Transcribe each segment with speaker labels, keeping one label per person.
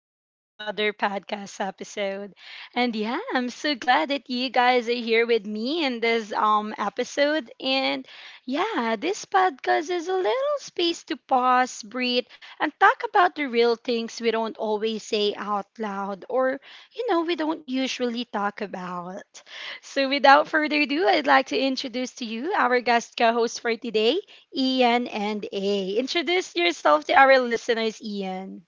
Speaker 1: back to another podcast episode. And yeah, I'm so glad that you guys are here with me in this episode. And yeah, this podcast is a little space to pause, breathe, and talk about the real things we don't always say out loud or we don't usually talk about. So without further ado, I'd like to introduce to you our guest co-host for today. Ian and A. Introduce yourself to our listeners, Ian.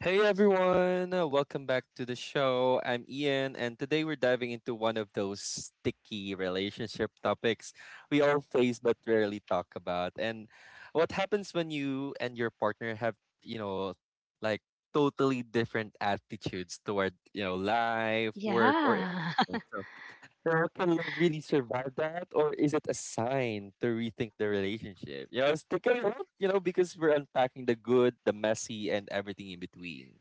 Speaker 2: Hey everyone, welcome back to the show. I'm Ian, and today we're diving into one of those sticky relationship topics we all face but rarely talk about. And what happens when you and your partner have, you know, like totally different attitudes toward, life, work, or
Speaker 1: Yeah.
Speaker 2: everything. So, now, can love really survive that, or is it a sign to rethink the relationship? Stick around, because we're unpacking the good, the messy, and everything in between.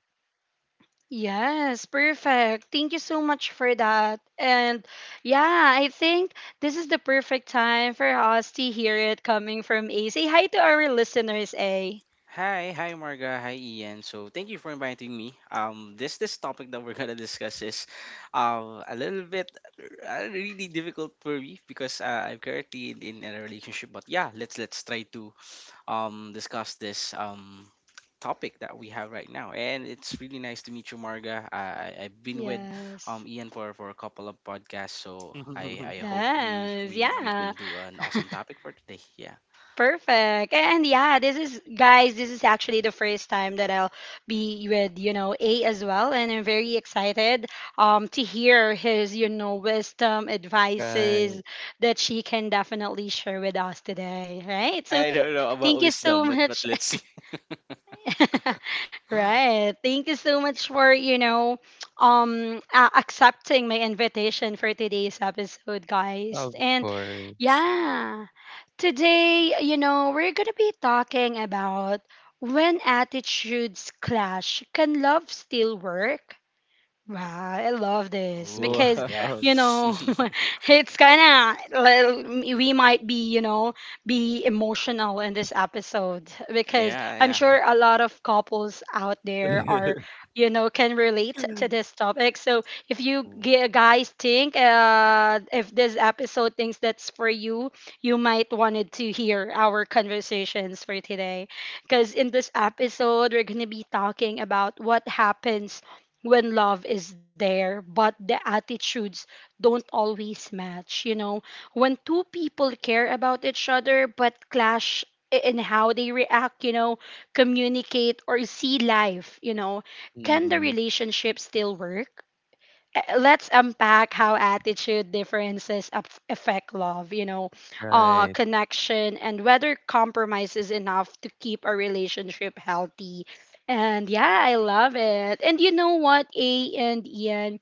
Speaker 1: Yes, perfect. Thank you so much for that. And yeah, I think this is the perfect time for us to hear it coming from A. Say hi to our listeners, A.
Speaker 3: Hi, hi Marga, hi Ian. So thank you for inviting me. This topic that we're gonna discuss is, a little bit really difficult for me because I'm currently in a relationship. But yeah, let's try to discuss this topic that we have right now. And it's really nice to meet you, Marga. I've been with
Speaker 1: Yes.
Speaker 3: Ian for a couple of podcasts, so I hope we
Speaker 1: Yes.
Speaker 3: we we
Speaker 1: Yeah.
Speaker 3: can do an awesome topic for today. Yeah.
Speaker 1: Perfect. And yeah, this is guys, this is actually the first time that I'll be with, A as well. And I'm very excited to hear his, wisdom,
Speaker 2: Right,
Speaker 1: advices that she can definitely share with us today. Right.
Speaker 3: I
Speaker 1: So
Speaker 3: don't know
Speaker 1: thank
Speaker 3: about
Speaker 1: you so
Speaker 3: wisdom, but
Speaker 1: much.
Speaker 3: let's see.
Speaker 1: Right. Thank you so much for, accepting my invitation for today's episode, guys.
Speaker 2: of
Speaker 1: And
Speaker 2: course.
Speaker 1: yeah. Today, we're going to be talking about when attitudes clash. Can love still work? Wow, I love this
Speaker 3: Oh,
Speaker 1: because
Speaker 3: yeah.
Speaker 2: Wow.
Speaker 1: you know it's kind of, we might be, be emotional in this episode because
Speaker 3: Yeah,
Speaker 1: I'm
Speaker 3: yeah.
Speaker 1: sure a lot of couples out there are, can relate to this topic. So if you guys think, if this episode thinks that's for you, you might wanted to hear our conversations for today, because in this episode we're gonna be talking about what happens when love is there, but the attitudes don't always match. You know, when two people care about each other but clash in how they react, communicate or see life, you know, can the
Speaker 2: Mm,
Speaker 1: relationship still work? Let's unpack how attitude differences affect love,
Speaker 2: right.
Speaker 1: connection, and whether compromise is enough to keep a relationship healthy. And yeah, I love it. And you know what, A and Ian,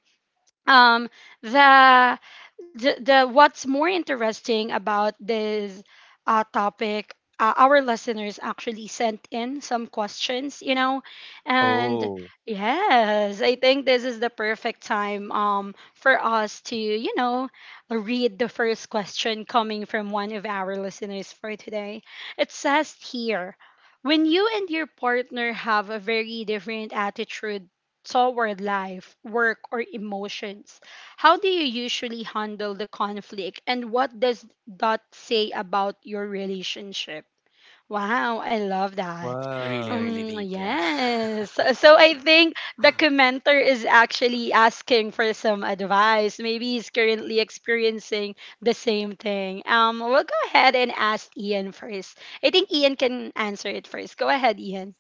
Speaker 1: um the, the what's more interesting about this topic, our listeners actually sent in some questions, you know. And
Speaker 2: Oh,
Speaker 1: yes, I think this is the perfect time for us to, you know, read the first question coming from one of our listeners for today. It says here, when you and your partner have a very different attitude toward life, work, or emotions. How do you usually handle the conflict, and what does that say about your relationship? Wow, I love that.
Speaker 3: Really,
Speaker 2: wow.
Speaker 3: really deep, yeah.
Speaker 1: Yes. So I think the commenter is actually asking for some advice. Maybe he's currently experiencing the same thing. We'll go ahead and ask Ian first. I think Ian can answer it first. Go ahead, Ian.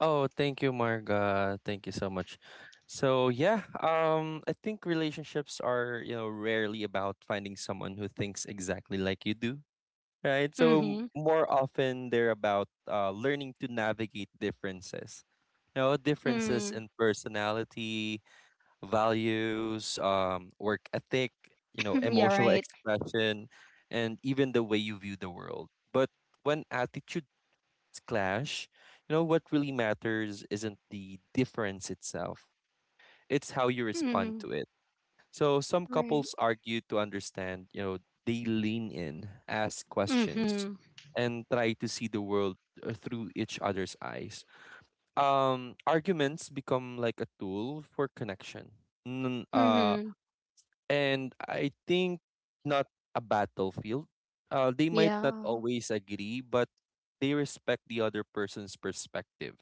Speaker 2: Oh, thank you, Marga. Thank you so much. So yeah, I think relationships are, you know, rarely about finding someone who thinks exactly like you do, right? So
Speaker 1: Mm-hmm.
Speaker 2: more often they're about learning to navigate differences. You know, differences
Speaker 1: Mm.
Speaker 2: in personality, values, work ethic, you know,
Speaker 1: Yeah,
Speaker 2: emotional
Speaker 1: right.
Speaker 2: expression, and even the way you view the world. But when attitudes clash, you know, what really matters isn't the difference itself, it's how you respond
Speaker 1: Mm-hmm.
Speaker 2: to it. So some
Speaker 1: Right.
Speaker 2: couples argue to understand, you know, they lean in, ask questions,
Speaker 1: Mm-hmm.
Speaker 2: and try to see the world through each other's eyes. Arguments become like a tool for connection. N- uh,
Speaker 1: Mm-hmm.
Speaker 2: and I think not a battlefield. They might not
Speaker 1: Yeah.
Speaker 2: always agree, but they respect the other person's perspective,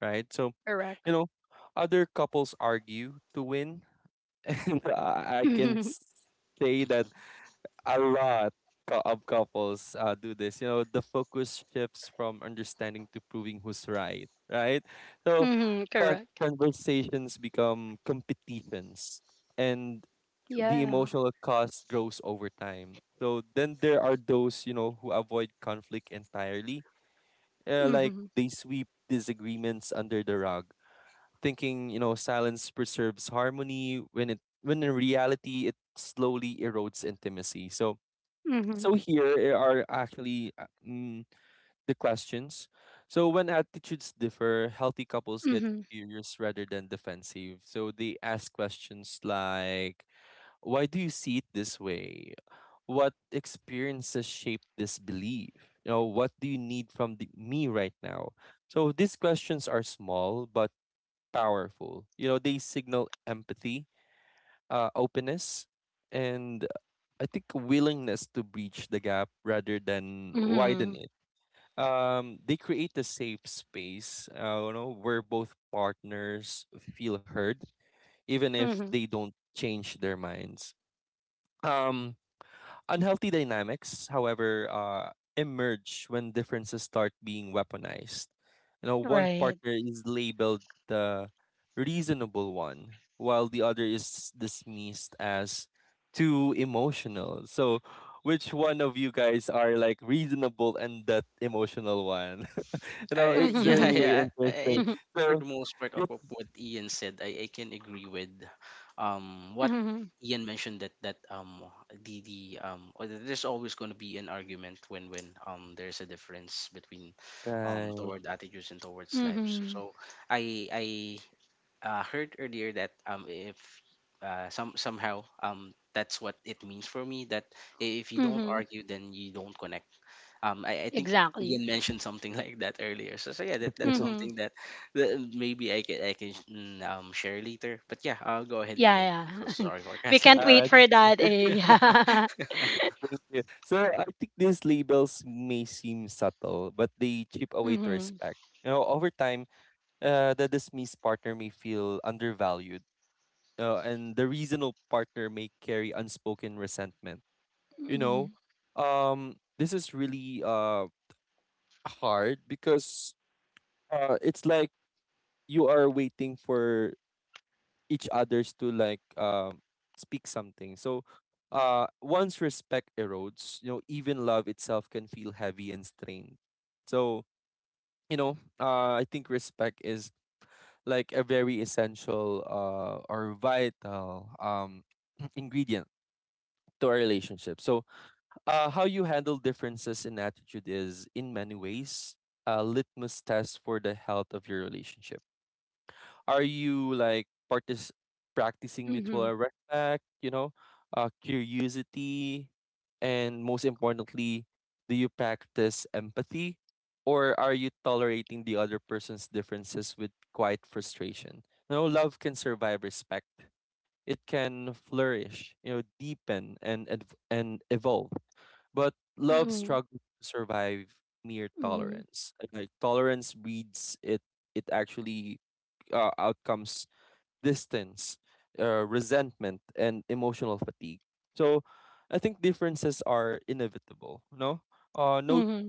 Speaker 2: right? So
Speaker 1: Correct.
Speaker 2: you know, other couples argue to win, and I can say that a lot of couples do this. You know, the focus shifts from understanding to proving who's right, right? So
Speaker 1: Mm-hmm. Correct.
Speaker 2: conversations become competitions, and the
Speaker 1: Yeah.
Speaker 2: emotional cost grows over time. So then there are those, you know, who avoid conflict entirely. Like
Speaker 1: Mm-hmm.
Speaker 2: they sweep disagreements under the rug, thinking, you know, silence preserves harmony when in reality it slowly erodes intimacy. So
Speaker 1: Mm-hmm.
Speaker 2: so here are actually the questions. So when attitudes differ, healthy couples get
Speaker 1: Mm-hmm.
Speaker 2: curious rather than defensive. So they ask questions like, "Why do you see it this way? What experiences shape this belief? You know, what do you need from me right now?" So these questions are small but powerful. You know, they signal empathy, openness, and I think a willingness to breach the gap rather than
Speaker 1: Mm-hmm.
Speaker 2: widen it. They create a safe space, you know, where both partners feel heard, even if
Speaker 1: Mm-hmm.
Speaker 2: they don't change their minds. Um, Unhealthy dynamics, however, emerge when differences start being weaponized. You know, one
Speaker 1: Right.
Speaker 2: partner is labeled the reasonable one, while the other is dismissed as too emotional. So, which one of you guys are like reasonable and that emotional one? You know, it's
Speaker 3: yeah,
Speaker 1: Mm-hmm.
Speaker 2: really
Speaker 3: yeah.
Speaker 2: interesting.
Speaker 3: I- for
Speaker 2: So,
Speaker 3: the most part of,
Speaker 2: you
Speaker 3: of what Ian said, I can agree with what
Speaker 1: Mm-hmm.
Speaker 3: Ian mentioned that the or that there's always going to be an argument when there's a difference between
Speaker 2: Right.
Speaker 3: toward attitudes and towards life. So,
Speaker 1: Mm-hmm.
Speaker 3: so I heard earlier that if somehow that's what it means for me that if you don't
Speaker 1: Mm-hmm.
Speaker 3: argue then you don't connect. I think
Speaker 1: Exactly.
Speaker 3: Ian mentioned something like that earlier, so yeah, that's
Speaker 1: Mm-hmm.
Speaker 3: something that, that maybe I can share later. But yeah, I'll go ahead Ian.
Speaker 1: Yeah,
Speaker 3: So
Speaker 1: yeah.
Speaker 3: sorry for
Speaker 1: We
Speaker 3: cutting
Speaker 1: can't
Speaker 3: you up
Speaker 2: Uh,
Speaker 1: wait for that.
Speaker 2: it's. Would
Speaker 1: Eh?
Speaker 3: there.
Speaker 2: Thank you. So I think these labels may seem subtle, but they chip
Speaker 1: Yeah.
Speaker 2: away to
Speaker 1: Mm-hmm.
Speaker 2: respect. You know, over time, the dismissed partner may feel undervalued, and the reasonable partner may carry unspoken resentment. You
Speaker 1: Mm-hmm.
Speaker 2: know, this is really hard because it's like you are waiting for each others to like speak something. So once respect erodes, you know, even love itself can feel heavy and strained. So, you know, I think respect is like a very essential or vital ingredient to our relationship. So how you handle differences in attitude is in many ways a litmus test for the health of your relationship. Are you like practicing mutual
Speaker 1: Mm-hmm.
Speaker 2: respect, you know, curiosity, and most importantly, do you practice empathy? Or are you tolerating the other person's differences with quiet frustration? No, love can survive respect. It can flourish, you know, deepen and evolve. But love
Speaker 1: Mm-hmm.
Speaker 2: struggles to survive mere
Speaker 1: Mm-hmm.
Speaker 2: tolerance. Like tolerance breeds it. It actually outcomes distance, resentment, and emotional fatigue. So I think differences are inevitable. No, uh, no,
Speaker 1: Mm-hmm.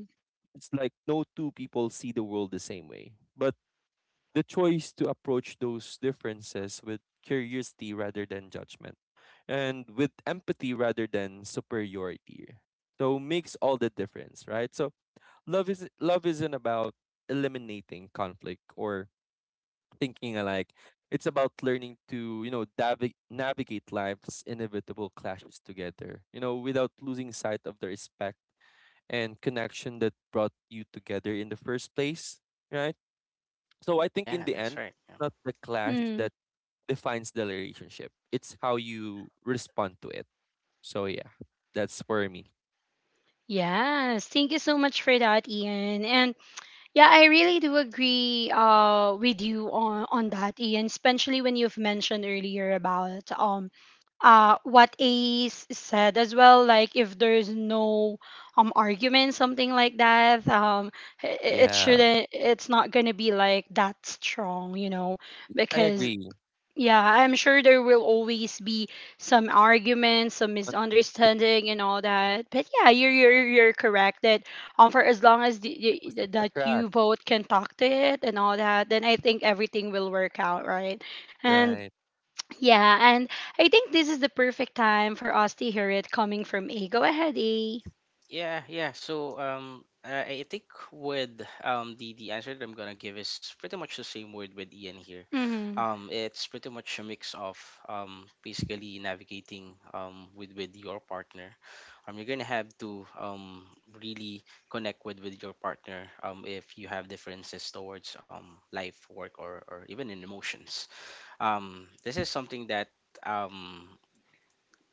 Speaker 2: it's like no two people see the world the same way. But the choice to approach those differences with curiosity rather than judgment, and with empathy rather than superiority, so makes all the difference, right? So love isn't about eliminating conflict or thinking alike. It's about learning to, you know, navigate life's inevitable clashes together, you know, without losing sight of the respect and connection that brought you together in the first place, right? So I think in
Speaker 3: Yeah,
Speaker 2: the
Speaker 3: that's
Speaker 2: end,
Speaker 3: right.
Speaker 2: it's not the clash
Speaker 1: Mm.
Speaker 2: that defines the relationship. It's how you respond to it. So yeah, that's for me.
Speaker 1: Yes, thank you so much for that, Ian. And yeah, I really do agree, with you on that, Ian, especially when you've mentioned earlier about, what Ace said as well, like if there's no, argument, something like that, i- i- it
Speaker 2: Yeah,
Speaker 1: shouldn't, it's not going to be like that strong, you know,
Speaker 2: I
Speaker 1: because
Speaker 2: agree.
Speaker 1: yeah, I'm sure there will always be some arguments, some
Speaker 2: Contradiction.
Speaker 1: misunderstanding, and all
Speaker 2: Yeah.
Speaker 1: that. But yeah, you're you're correct that for as long as
Speaker 2: Opposites
Speaker 1: that you
Speaker 2: attract.
Speaker 1: both can talk to it and all that, then I think everything will work out, right? And
Speaker 2: Right.
Speaker 1: yeah, and I think this is the perfect time for us to hear it coming from A. Go ahead, A.
Speaker 3: Yeah, yeah. So I think with the answer that I'm gonna give is pretty much the same word with Ian here.
Speaker 1: Mhm.
Speaker 3: It's pretty much a mix of basically navigating with your partner. You're gonna have to really connect with your partner if you have differences towards life, work, or even in emotions. This is something that um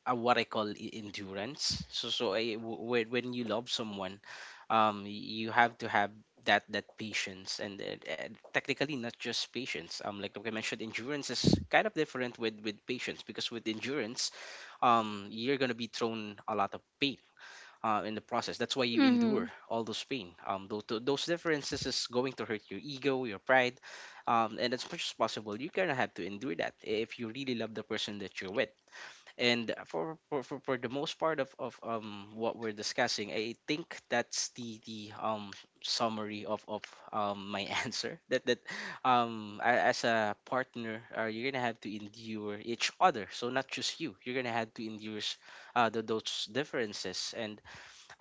Speaker 3: what I call endurance. So I, when you love someone, you have to have that patience and, technically not just patience. Like I mentioned, endurance is kind of different with patience because with endurance, you're gonna be thrown a lot of pain. In the process, that's why you endure
Speaker 1: Mhm.
Speaker 3: all those pain. Those differences is going to hurt your ego, your pride, and as much as possible, you're gonna have to endure that if you really love the person that you're with. And for the most part of what we're discussing, I think that's the summary of my answer that as a partner, you're gonna have to endure each other. So not just you, you're gonna have to endure those differences. And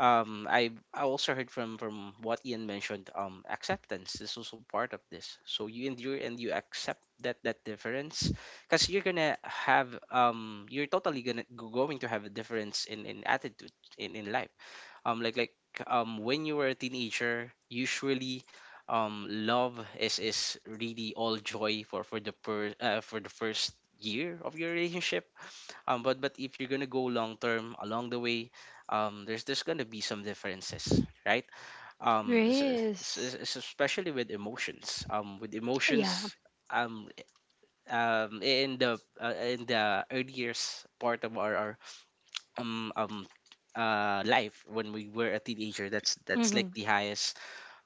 Speaker 3: I also heard from what Ian mentioned, acceptance is also part of this. So you endure and you accept that difference, because you're gonna have you're totally gonna going to have a difference in attitude, in life. um like like when you were a teenager, usually love is really all joy for the per for the first year of your relationship. But but if you're gonna go long term, along the way, there's gonna be some differences, right? Um, s-
Speaker 1: Yes.
Speaker 3: Especially with emotions. With
Speaker 1: Yeah.
Speaker 3: emotions, um, in the earliest part of our um um life when we were a teenager, that's like
Speaker 1: Mhm.
Speaker 3: the highest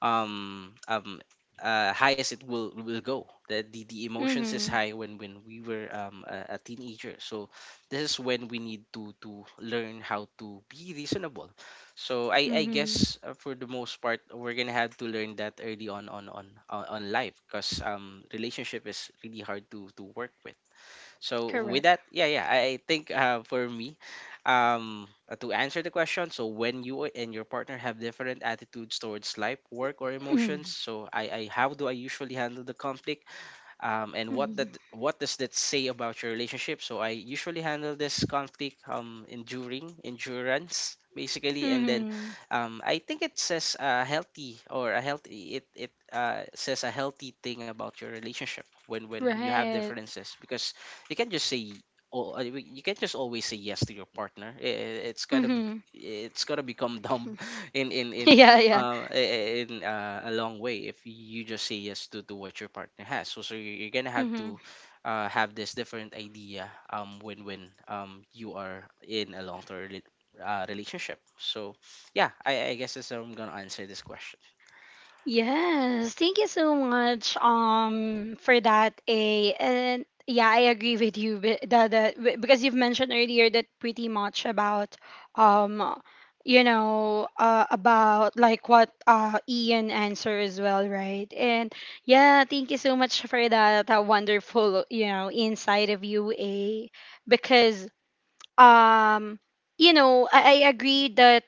Speaker 3: um um high as it will go. The emotions is
Speaker 1: Mhm.
Speaker 3: high when we were a teenager. So this is when we need to learn how to be reasonable. So I
Speaker 1: Mhm.
Speaker 3: guess for the most part we're gonna have to learn that early on on life because relationship is really hard to work with. So with
Speaker 1: Correct.
Speaker 3: that, yeah, yeah, I think for me, to answer the question, so when you and your partner have different attitudes towards life, work, or emotions,
Speaker 1: Mhm.
Speaker 3: so I how do I usually handle the conflict? And what that
Speaker 1: Mhm.
Speaker 3: what does that say about your relationship? So I usually handle this conflict enduring endurance basically. And then
Speaker 1: Mhm.
Speaker 3: I think it says a healthy or a healthy it it says a healthy thing about your relationship when you have
Speaker 1: Right.
Speaker 3: differences, because you can't just say, oh, you can't just always say yes to your partner. It's gonna be
Speaker 1: Mm-hmm.
Speaker 3: it's gonna become dumb in
Speaker 1: Yeah, yeah.
Speaker 3: I- in a long way if you just say yes to what your partner has. So you're gonna have to
Speaker 1: Mm-hmm.
Speaker 3: have this different idea when you are in a long term relationship. So yeah, I guess that's how I'm gonna answer this question.
Speaker 1: Yes. Thank you so much for that, A. And yeah, I agree with you because you've mentioned earlier that pretty much about um you know, about like what, uh, Ian answered as well, right? And yeah, thank you so much for that, that wonderful, you know, insight of you, A, because um you know, I agree that,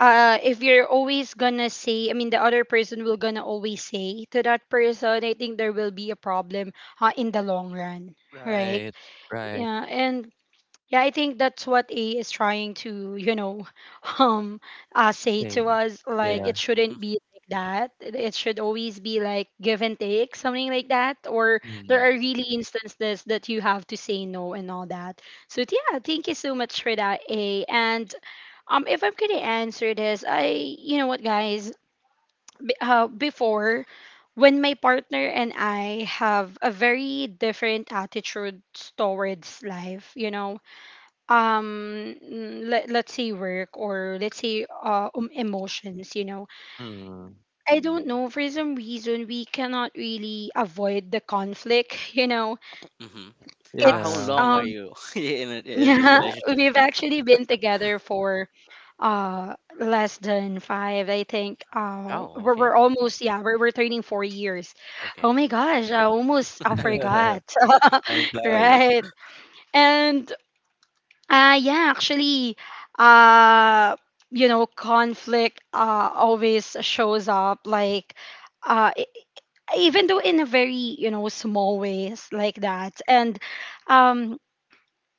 Speaker 1: uh, if you're always gonna say, I mean, the other person will gonna always say to that person, I think there will be a problem, in the long run, right?
Speaker 2: Right. Right.
Speaker 1: Yeah. And yeah, I think that's what A is trying to, you know, um, say
Speaker 2: Same.
Speaker 1: to us. Like,
Speaker 2: Yeah.
Speaker 3: Yeah.
Speaker 1: it shouldn't be like that. It should always be like give and take, something like that. Or
Speaker 2: Mm,
Speaker 1: there are really instances that you have to say no and all that. So yeah, thank you so much for that, A. And if I'm gonna answer this, you know what, guys, b- before. When my partner and I have a very different attitude towards life, you know, let's say work, or let's say, emotions, you know,
Speaker 2: mm,
Speaker 1: I don't know, for some reason we cannot really avoid the conflict. You know,
Speaker 3: Mm-hmm. How
Speaker 1: it's
Speaker 2: yeah.
Speaker 3: long are you in this
Speaker 1: yeah,
Speaker 3: relationship?
Speaker 1: we've actually been together for uh less than five, I think,
Speaker 3: Oh,
Speaker 1: we're
Speaker 3: okay,
Speaker 1: almost, yeah, we're turning 4 years.
Speaker 3: okay,
Speaker 1: Oh my gosh, I almost I forgot.
Speaker 2: Time flies,
Speaker 1: Right. And uh, yeah, actually, uh, you know, conflict, always shows up, like, uh, e- even though in a very, you know, small ways like that. And um,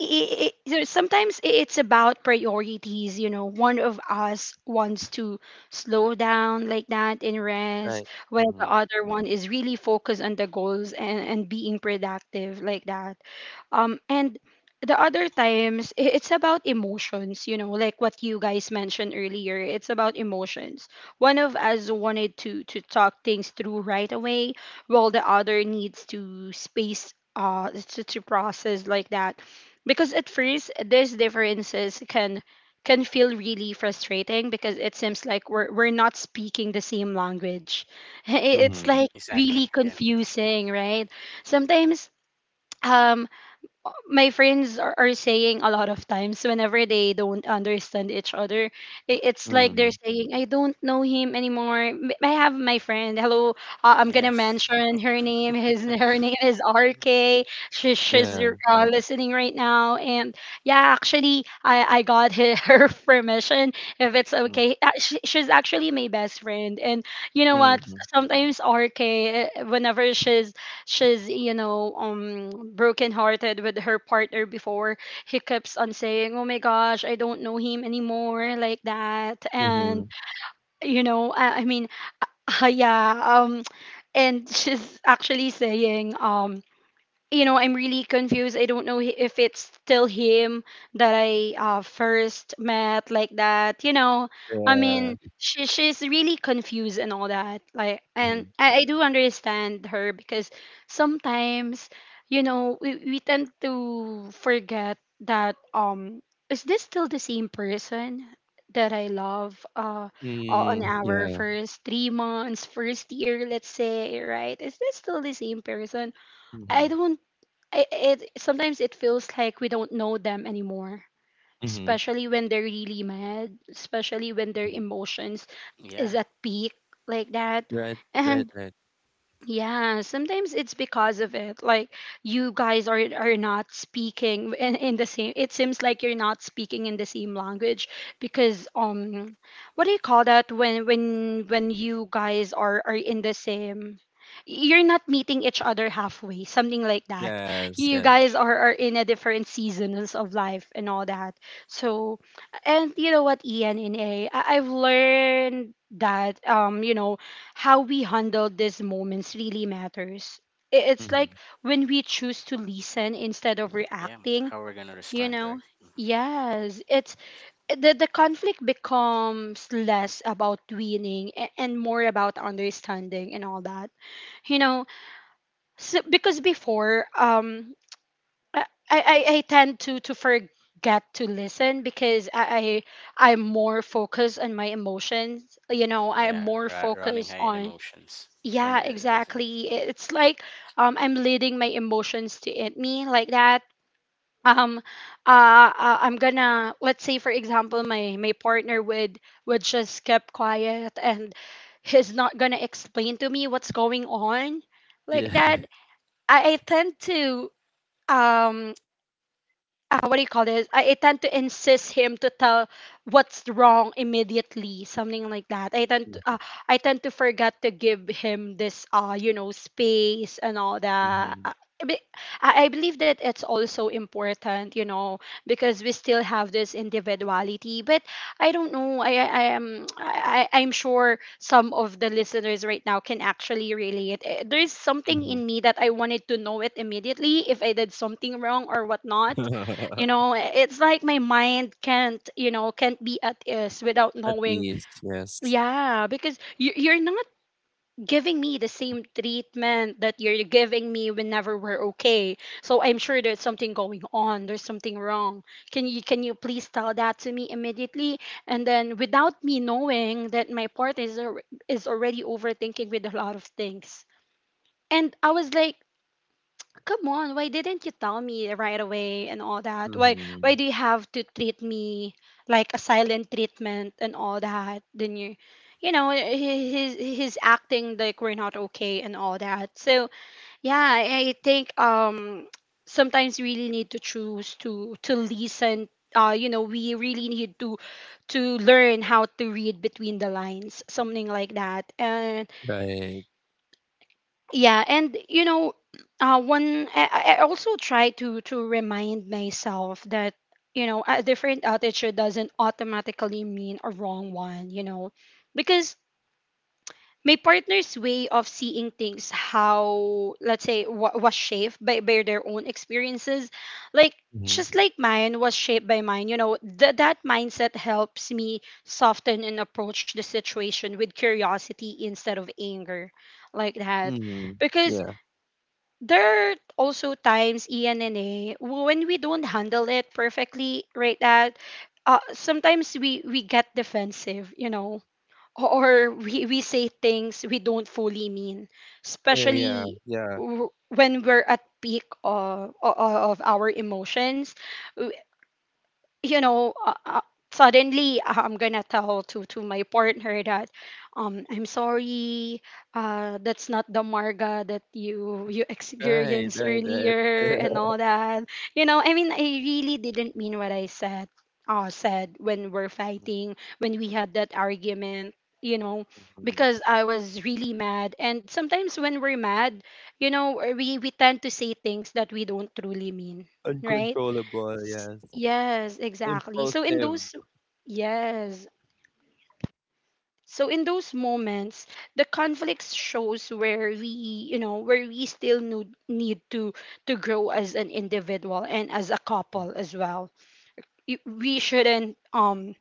Speaker 1: I sometimes it's about priorities, you know, one of us wants to slow down, like that, and
Speaker 2: right?
Speaker 1: rest, while
Speaker 2: Mm-hmm,
Speaker 1: the other one is really focused on the goals and being productive like that. And the other times, it's about emotions, you know, like what you guys mentioned earlier. It's about emotions. One of us wanted to talk things through right away, while the other needs to space, to process like that. Because at first, these differences can feel really frustrating because it seems like we're not speaking the same language.
Speaker 2: mm-hmm,
Speaker 1: It's like
Speaker 3: exactly.
Speaker 1: really
Speaker 3: Yeah,
Speaker 1: confusing, right? Sometimes, um my friends are saying a lot of times whenever they don't understand each other, it's like
Speaker 2: mm-hmm,
Speaker 1: they're saying, I don't know him anymore. I have my friend, hello, I'm
Speaker 3: yeah,
Speaker 1: gonna mention her name, his her name is RK. She, she's
Speaker 2: yeah.
Speaker 1: listening right now, and yeah, actually I got her, her permission if it's
Speaker 2: Mm,
Speaker 1: okay. Uh, she, she's actually my best friend. And you know what,
Speaker 2: hmm,
Speaker 1: sometimes RK, whenever she's, you know, brokenhearted with her partner before, he keeps on saying, oh my gosh, I don't know him anymore, like that.
Speaker 2: mm-hmm,
Speaker 1: And you know, I mean, yeah, um and she's actually saying, you know, I'm really confused. I don't know if it's still him that I, first met, like that. You know, I
Speaker 2: yeah.
Speaker 1: mean, she, she's really confused and all that. Like,
Speaker 2: Mm-hmm,
Speaker 1: and I do understand her, because sometimes, you know, we tend to forget that, is this still the same person that I love, on
Speaker 2: mm,
Speaker 1: our
Speaker 2: yeah.
Speaker 1: first 3 months, first year, let's say, right? Is this still the same person? I
Speaker 2: Mm-hmm,
Speaker 1: don't, it sometimes it feels like we don't know them anymore,
Speaker 2: mm-hmm,
Speaker 1: especially when they're really mad, especially when their
Speaker 2: mm.
Speaker 1: emotions is
Speaker 3: yeah.
Speaker 1: at peak, like that.
Speaker 2: Right, right,
Speaker 1: And
Speaker 2: right.
Speaker 1: yeah, sometimes it's because of it. Like, you guys are not speaking in the same, it seems like you're not speaking in the same language, because what do you call that, when you guys are in the same, you're not meeting each other halfway, something like that.
Speaker 2: Yes,
Speaker 1: You
Speaker 2: yes.
Speaker 3: Mm-hmm.
Speaker 1: guys are in a different seasons of life and all that. So, and you know what, ENNA, have learned that, you know, how we handle these moments really matters. It's like
Speaker 2: Mm-hmm,
Speaker 1: when we choose to listen instead of
Speaker 3: Yeah.
Speaker 1: reacting,
Speaker 3: How we're gonna
Speaker 1: you
Speaker 3: respond,
Speaker 1: know?
Speaker 3: right?
Speaker 1: Yes, it's the conflict becomes less about winning and more about understanding and all that. You know, so, because before, I tend to forget to listen, because I I'm more focused on my emotions. You know, I'm
Speaker 3: Yeah,
Speaker 1: more
Speaker 3: right, running
Speaker 1: focused
Speaker 3: high in
Speaker 1: on,
Speaker 3: emotions.
Speaker 1: yeah,
Speaker 3: Yeah,
Speaker 1: exactly. It's like, I'm leading my emotions to it me, like that. Um I'm gonna, let's say for example, my partner would just keep quiet and he's not gonna explain to me what's going on, like that.
Speaker 2: yeah.
Speaker 1: I tend to, um what do you call this? I tend to insist him to tell what's wrong immediately, something like that. I tend to forget to give him this, you know, space and all that.
Speaker 2: Mm-hmm,
Speaker 1: I be- I believe that it's also important, you know, because we still have this individuality. But I don't know. I am I- I'm sure some of the listeners right now can actually relate. There is something
Speaker 2: mm-hmm,
Speaker 1: in me that I wanted to know it immediately if I did something wrong or whatnot.
Speaker 2: hmm.
Speaker 1: It's like my mind can't you know can't be at ease without
Speaker 2: At
Speaker 1: knowing.
Speaker 2: ease, yes.
Speaker 1: Yeah, because you're not giving me the same treatment that you're giving me whenever we're okay. So I'm sure there's something going on, there's something wrong. Can you please tell that to me immediately? And then without me knowing that my partner is already overthinking with a lot of things. And I was like, come on, why didn't you tell me right away and all that? why
Speaker 2: Mm-hmm,
Speaker 1: why do you have to treat me like a silent treatment and all that? Then he's acting like we're not okay and all that. So yeah, I think, sometimes you really need to choose to listen. We really need to learn how to read between the lines, something like that. And
Speaker 2: right.
Speaker 1: yeah, and you know, I also try to remind myself that, you know, a different attitude doesn't automatically mean a wrong one, you know, because my partner's way of seeing things, how, let's say, wa was shaped by their own experiences, like just
Speaker 2: Mm-hmm,
Speaker 1: like mine was shaped by mine. You know, that mindset helps me soften and approach the situation with curiosity instead of anger, like that.
Speaker 2: mm-hmm,
Speaker 1: Because
Speaker 2: yeah.
Speaker 1: there are also times, Ian and A, when we don't handle it perfectly right at... sometimes we get defensive, you know. Or we say things we don't fully mean,
Speaker 2: Eh, yeah,
Speaker 1: especially
Speaker 2: yeah.
Speaker 1: when we're at peak of our emotions. You know, uh, suddenly, I'm gonna tell to my partner that, I'm sorry, that's not the Marga that you
Speaker 2: Right,
Speaker 1: experienced
Speaker 2: right, right.
Speaker 1: earlier and all that. You know, I mean, I really didn't mean what I said. Said when we're fighting, when we had that argument, you know,
Speaker 2: Mhm.
Speaker 1: because I was really mad. And sometimes when we're mad, you know, we tend to say things that we don't truly mean, right?
Speaker 2: Uncontrollable, yes.
Speaker 1: Yes, exactly. So in
Speaker 2: Impulsive.
Speaker 1: those Yes. So in those moments, the conflict shows where we, you know, where we still need to grow as an individual and as a couple as well. We shouldn't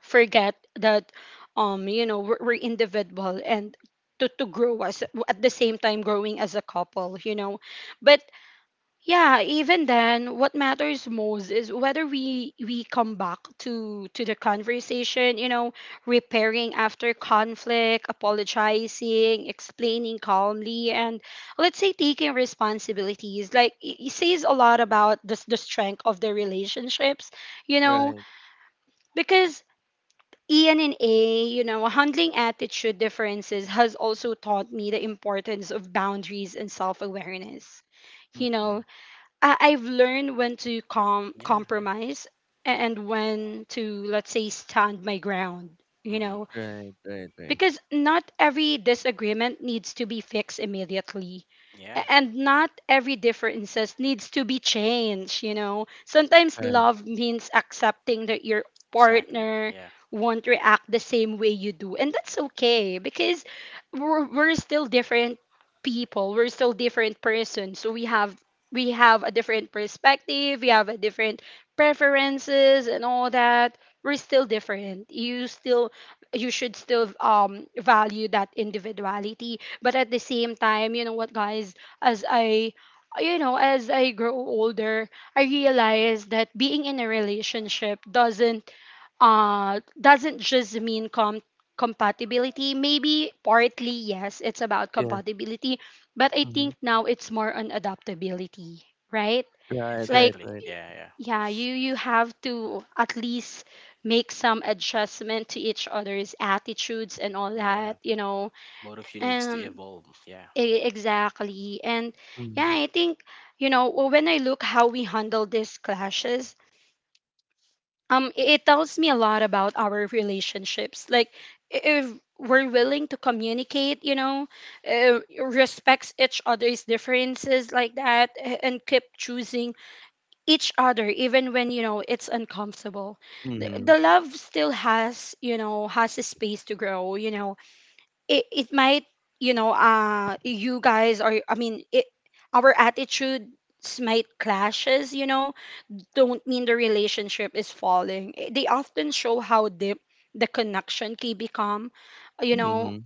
Speaker 1: forget that, you know, we're individual and to grow as, at the same time growing as a couple, you know. But yeah, even then, what matters most is whether we come back to the conversation, you know, repairing after conflict, apologizing, explaining calmly, and let's say taking responsibilities. Like it says a lot about the strength of the relationships, you know,
Speaker 2: Right.
Speaker 1: because Ian and A, you know, handling attitude differences has also taught me the importance of boundaries and self awareness. You know,
Speaker 2: Mm.
Speaker 1: I've learned when to
Speaker 3: yeah,
Speaker 1: compromise and when to, let's say, stand my ground. You
Speaker 3: hmm
Speaker 1: know,
Speaker 2: Right, right, right.
Speaker 1: because not every disagreement needs to be fixed immediately,
Speaker 3: yeah,
Speaker 1: and not every differences needs to be changed. You know, sometimes
Speaker 2: Right.
Speaker 1: love means accepting that your
Speaker 3: exactly.
Speaker 1: partner
Speaker 3: Yeah,
Speaker 1: won't react the same way you do, and that's okay because we're still different people, we're still different person, so we have a different perspective, we have a different preferences and all that. We're still different. You should still value that individuality. But at the same time, you know what, guys, as i as I grow older, I realize that being in a relationship doesn't just mean compatibility. Maybe partly, yes, it's about
Speaker 2: Yes.
Speaker 1: compatibility, but I
Speaker 2: Mm-hmm.
Speaker 1: think now it's more on adaptability, right?
Speaker 2: Right,
Speaker 1: Like
Speaker 2: right,
Speaker 3: exactly.
Speaker 2: right.
Speaker 3: Yeah, yeah,
Speaker 1: yeah, you have to at least make some adjustment to each other's attitudes and all that,
Speaker 3: yeah.
Speaker 1: you know.
Speaker 3: Both of you needs to
Speaker 1: Um
Speaker 3: evolve. Yeah,
Speaker 1: exactly. And yeah,
Speaker 2: Mm-hmm.
Speaker 1: I think, you know, when I look how we handle these clashes, it tells me a lot about our relationships. Like, if we're willing to communicate, you know, uh, respects each other's differences like that, and keep choosing each other even when, you know, it's uncomfortable, the,
Speaker 2: Mm-hmm.
Speaker 1: the love still has, you know, has a space to grow, you know. It might, you know, you guys are, I mean, it our attitudes might clashes, you know, don't mean the relationship is falling. They often show how deep the connection can become, you know.
Speaker 2: Mm-hmm.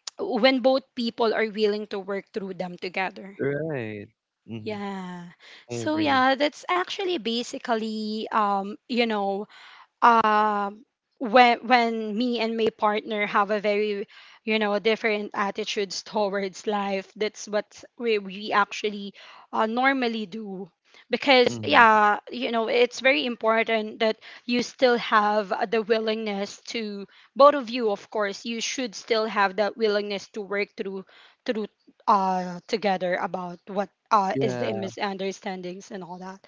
Speaker 1: When both people are willing to work through them together.
Speaker 2: Right. Mm-hmm.
Speaker 1: Yeah.
Speaker 2: I
Speaker 1: So
Speaker 2: agree.
Speaker 1: yeah, that's actually basically, you know, um when me and my partner have a very, you know, different attitudes towards life, that's what we actually, normally do. Because
Speaker 2: Mm-hmm.
Speaker 1: yeah, you know, it's very important that you still have, the willingness to... Both of you, of course, you should still have that willingness to work through, together, about what, is the
Speaker 2: Yeah.
Speaker 1: misunderstandings and all that.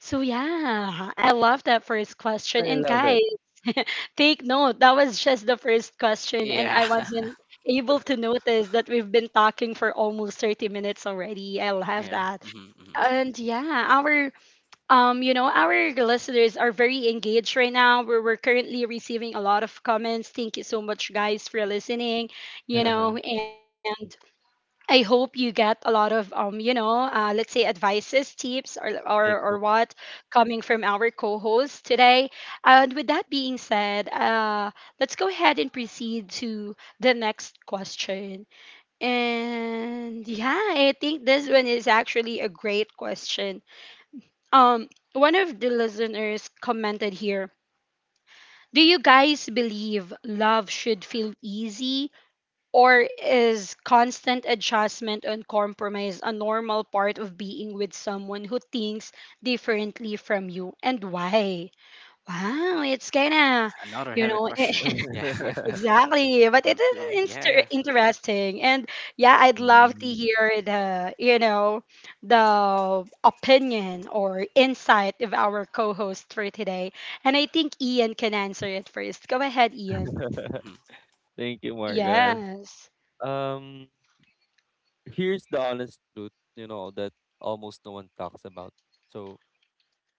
Speaker 1: So yeah, I love that first question.
Speaker 2: I
Speaker 1: And
Speaker 2: love it.
Speaker 1: guys, take note, that was just the first question and
Speaker 3: yeah,
Speaker 1: I wasn't able to notice that we've been talking for almost 30 minutes already. I'll have
Speaker 3: yeah.
Speaker 1: that.
Speaker 3: Hmm, hmm.
Speaker 1: And yeah, our, you know, our listeners are very engaged right now. We're currently receiving a lot of comments. Thank you so much, guys, for listening, you know, and I hope you get a lot of, you know, let's say, advices, tips, or or
Speaker 2: Thank you.
Speaker 1: what, coming from our co-host today. And with that being said, let's go ahead and proceed to the next question. And yeah, I think this one is actually a great question. Um, One of the listeners commented here. Do you guys believe love should feel easy, or is constant adjustment and compromise a normal part of being with someone who thinks differently from you, and why? Wow, it's kind of,
Speaker 3: Another
Speaker 1: you
Speaker 3: heavy
Speaker 1: know,
Speaker 3: question. Yeah,
Speaker 1: exactly, but it
Speaker 3: Uh,
Speaker 1: is
Speaker 3: yeah, yeah.
Speaker 1: interesting. And yeah, I'd love to
Speaker 2: Mm.
Speaker 1: hear the, you know, the opinion or insight of our co host for today. And I think Ian can answer it first. Go ahead, Ian.
Speaker 3: Hmm.
Speaker 2: Thank you, Margaret.
Speaker 1: Yes.
Speaker 2: Um, here's the honest truth, you know, that almost no one talks about. So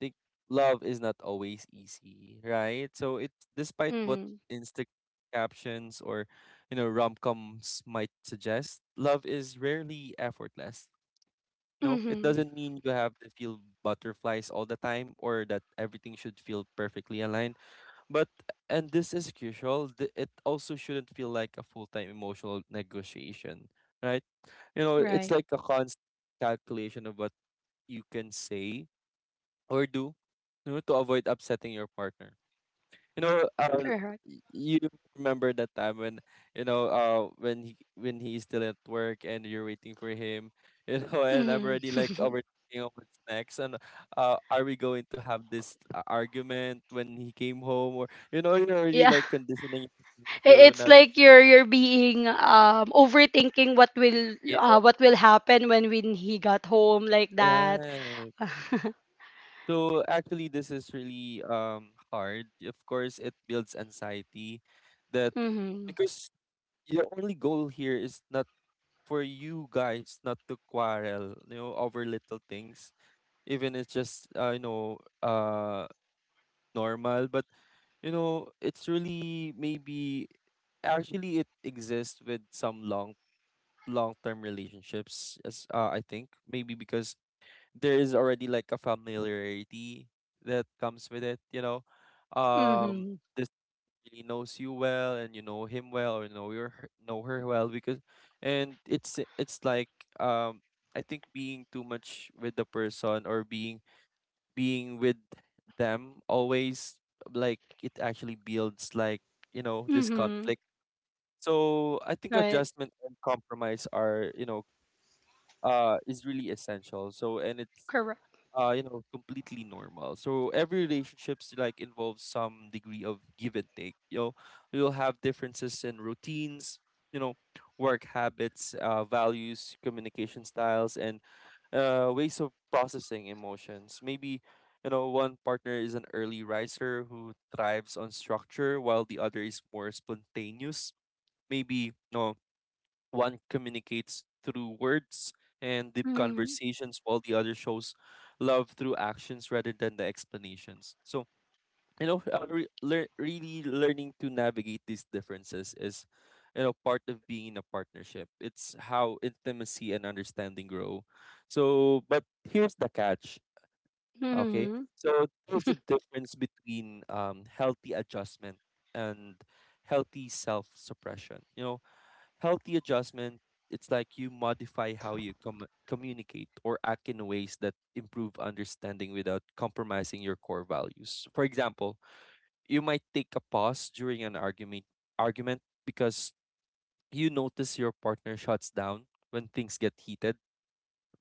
Speaker 2: think love is not always easy, right? So it's despite what
Speaker 1: Mm-hmm.
Speaker 2: Instagram captions or you know rom-coms might suggest, love is rarely effortless. No, it doesn't mean you have to feel butterflies all the time or that everything should feel perfectly aligned. But and this is crucial, it also shouldn't feel like a full-time emotional negotiation, right? You know, it's
Speaker 1: Right.
Speaker 2: like a constant calculation of what you can say or do, you know, to avoid upsetting your partner. You know,
Speaker 1: Correct.
Speaker 2: you remember that time when you know when he's still at work and you're waiting for him, you know, and
Speaker 1: Mhm.
Speaker 2: I'm already like overthinking of what's next and are we going to have this argument when he came home, or you know you're already
Speaker 1: Yeah.
Speaker 2: like conditioning yourself
Speaker 1: I-
Speaker 2: to
Speaker 1: It's
Speaker 2: not,
Speaker 1: like you're being overthinking what will,
Speaker 2: yeah,
Speaker 1: what will happen when he got home, like that.
Speaker 2: right. So actually, this is really hard. Of course, it builds anxiety that
Speaker 1: Mhm.
Speaker 2: because your only goal here is not for you guys not to quarrel, you know, over little things, even it's just normal. But you know, it's really maybe actually it exists with some long long term relationships as I think maybe because there is already like a familiarity that comes with it. You know, um,
Speaker 1: Mhm.
Speaker 2: really knows you well and you know him well or know her well because and it's like um I think being too much with the person or being with them always like it actually builds like you know this
Speaker 1: Mhm.
Speaker 2: conflict. So I think
Speaker 1: Right.
Speaker 2: adjustment and compromise are you know is really essential. So and it's
Speaker 1: Correct.
Speaker 2: you know, completely normal. So every relationships like involves some degree of give and take. You know, you'll have differences in routines, you know, work habits, values, communication styles, and ways of processing emotions. Maybe, you know, one partner is an early riser who thrives on structure, while the other is more spontaneous. Maybe, no, one communicates through words and deep
Speaker 1: Mhm.
Speaker 2: conversations, while the other shows love through actions rather than the explanations. So, you know, really learning to navigate these differences is, you know, part of being in a partnership. It's how intimacy and understanding grow. So, but here's the catch, okay?
Speaker 1: Mhm.
Speaker 2: So, there's a difference between healthy adjustment and healthy self suppression. You know, healthy adjustment, it's like you modify how you communicate or act in ways that improve understanding without compromising your core values. For example, you might take a pause during an argument argument because you notice your partner shuts down when things get heated,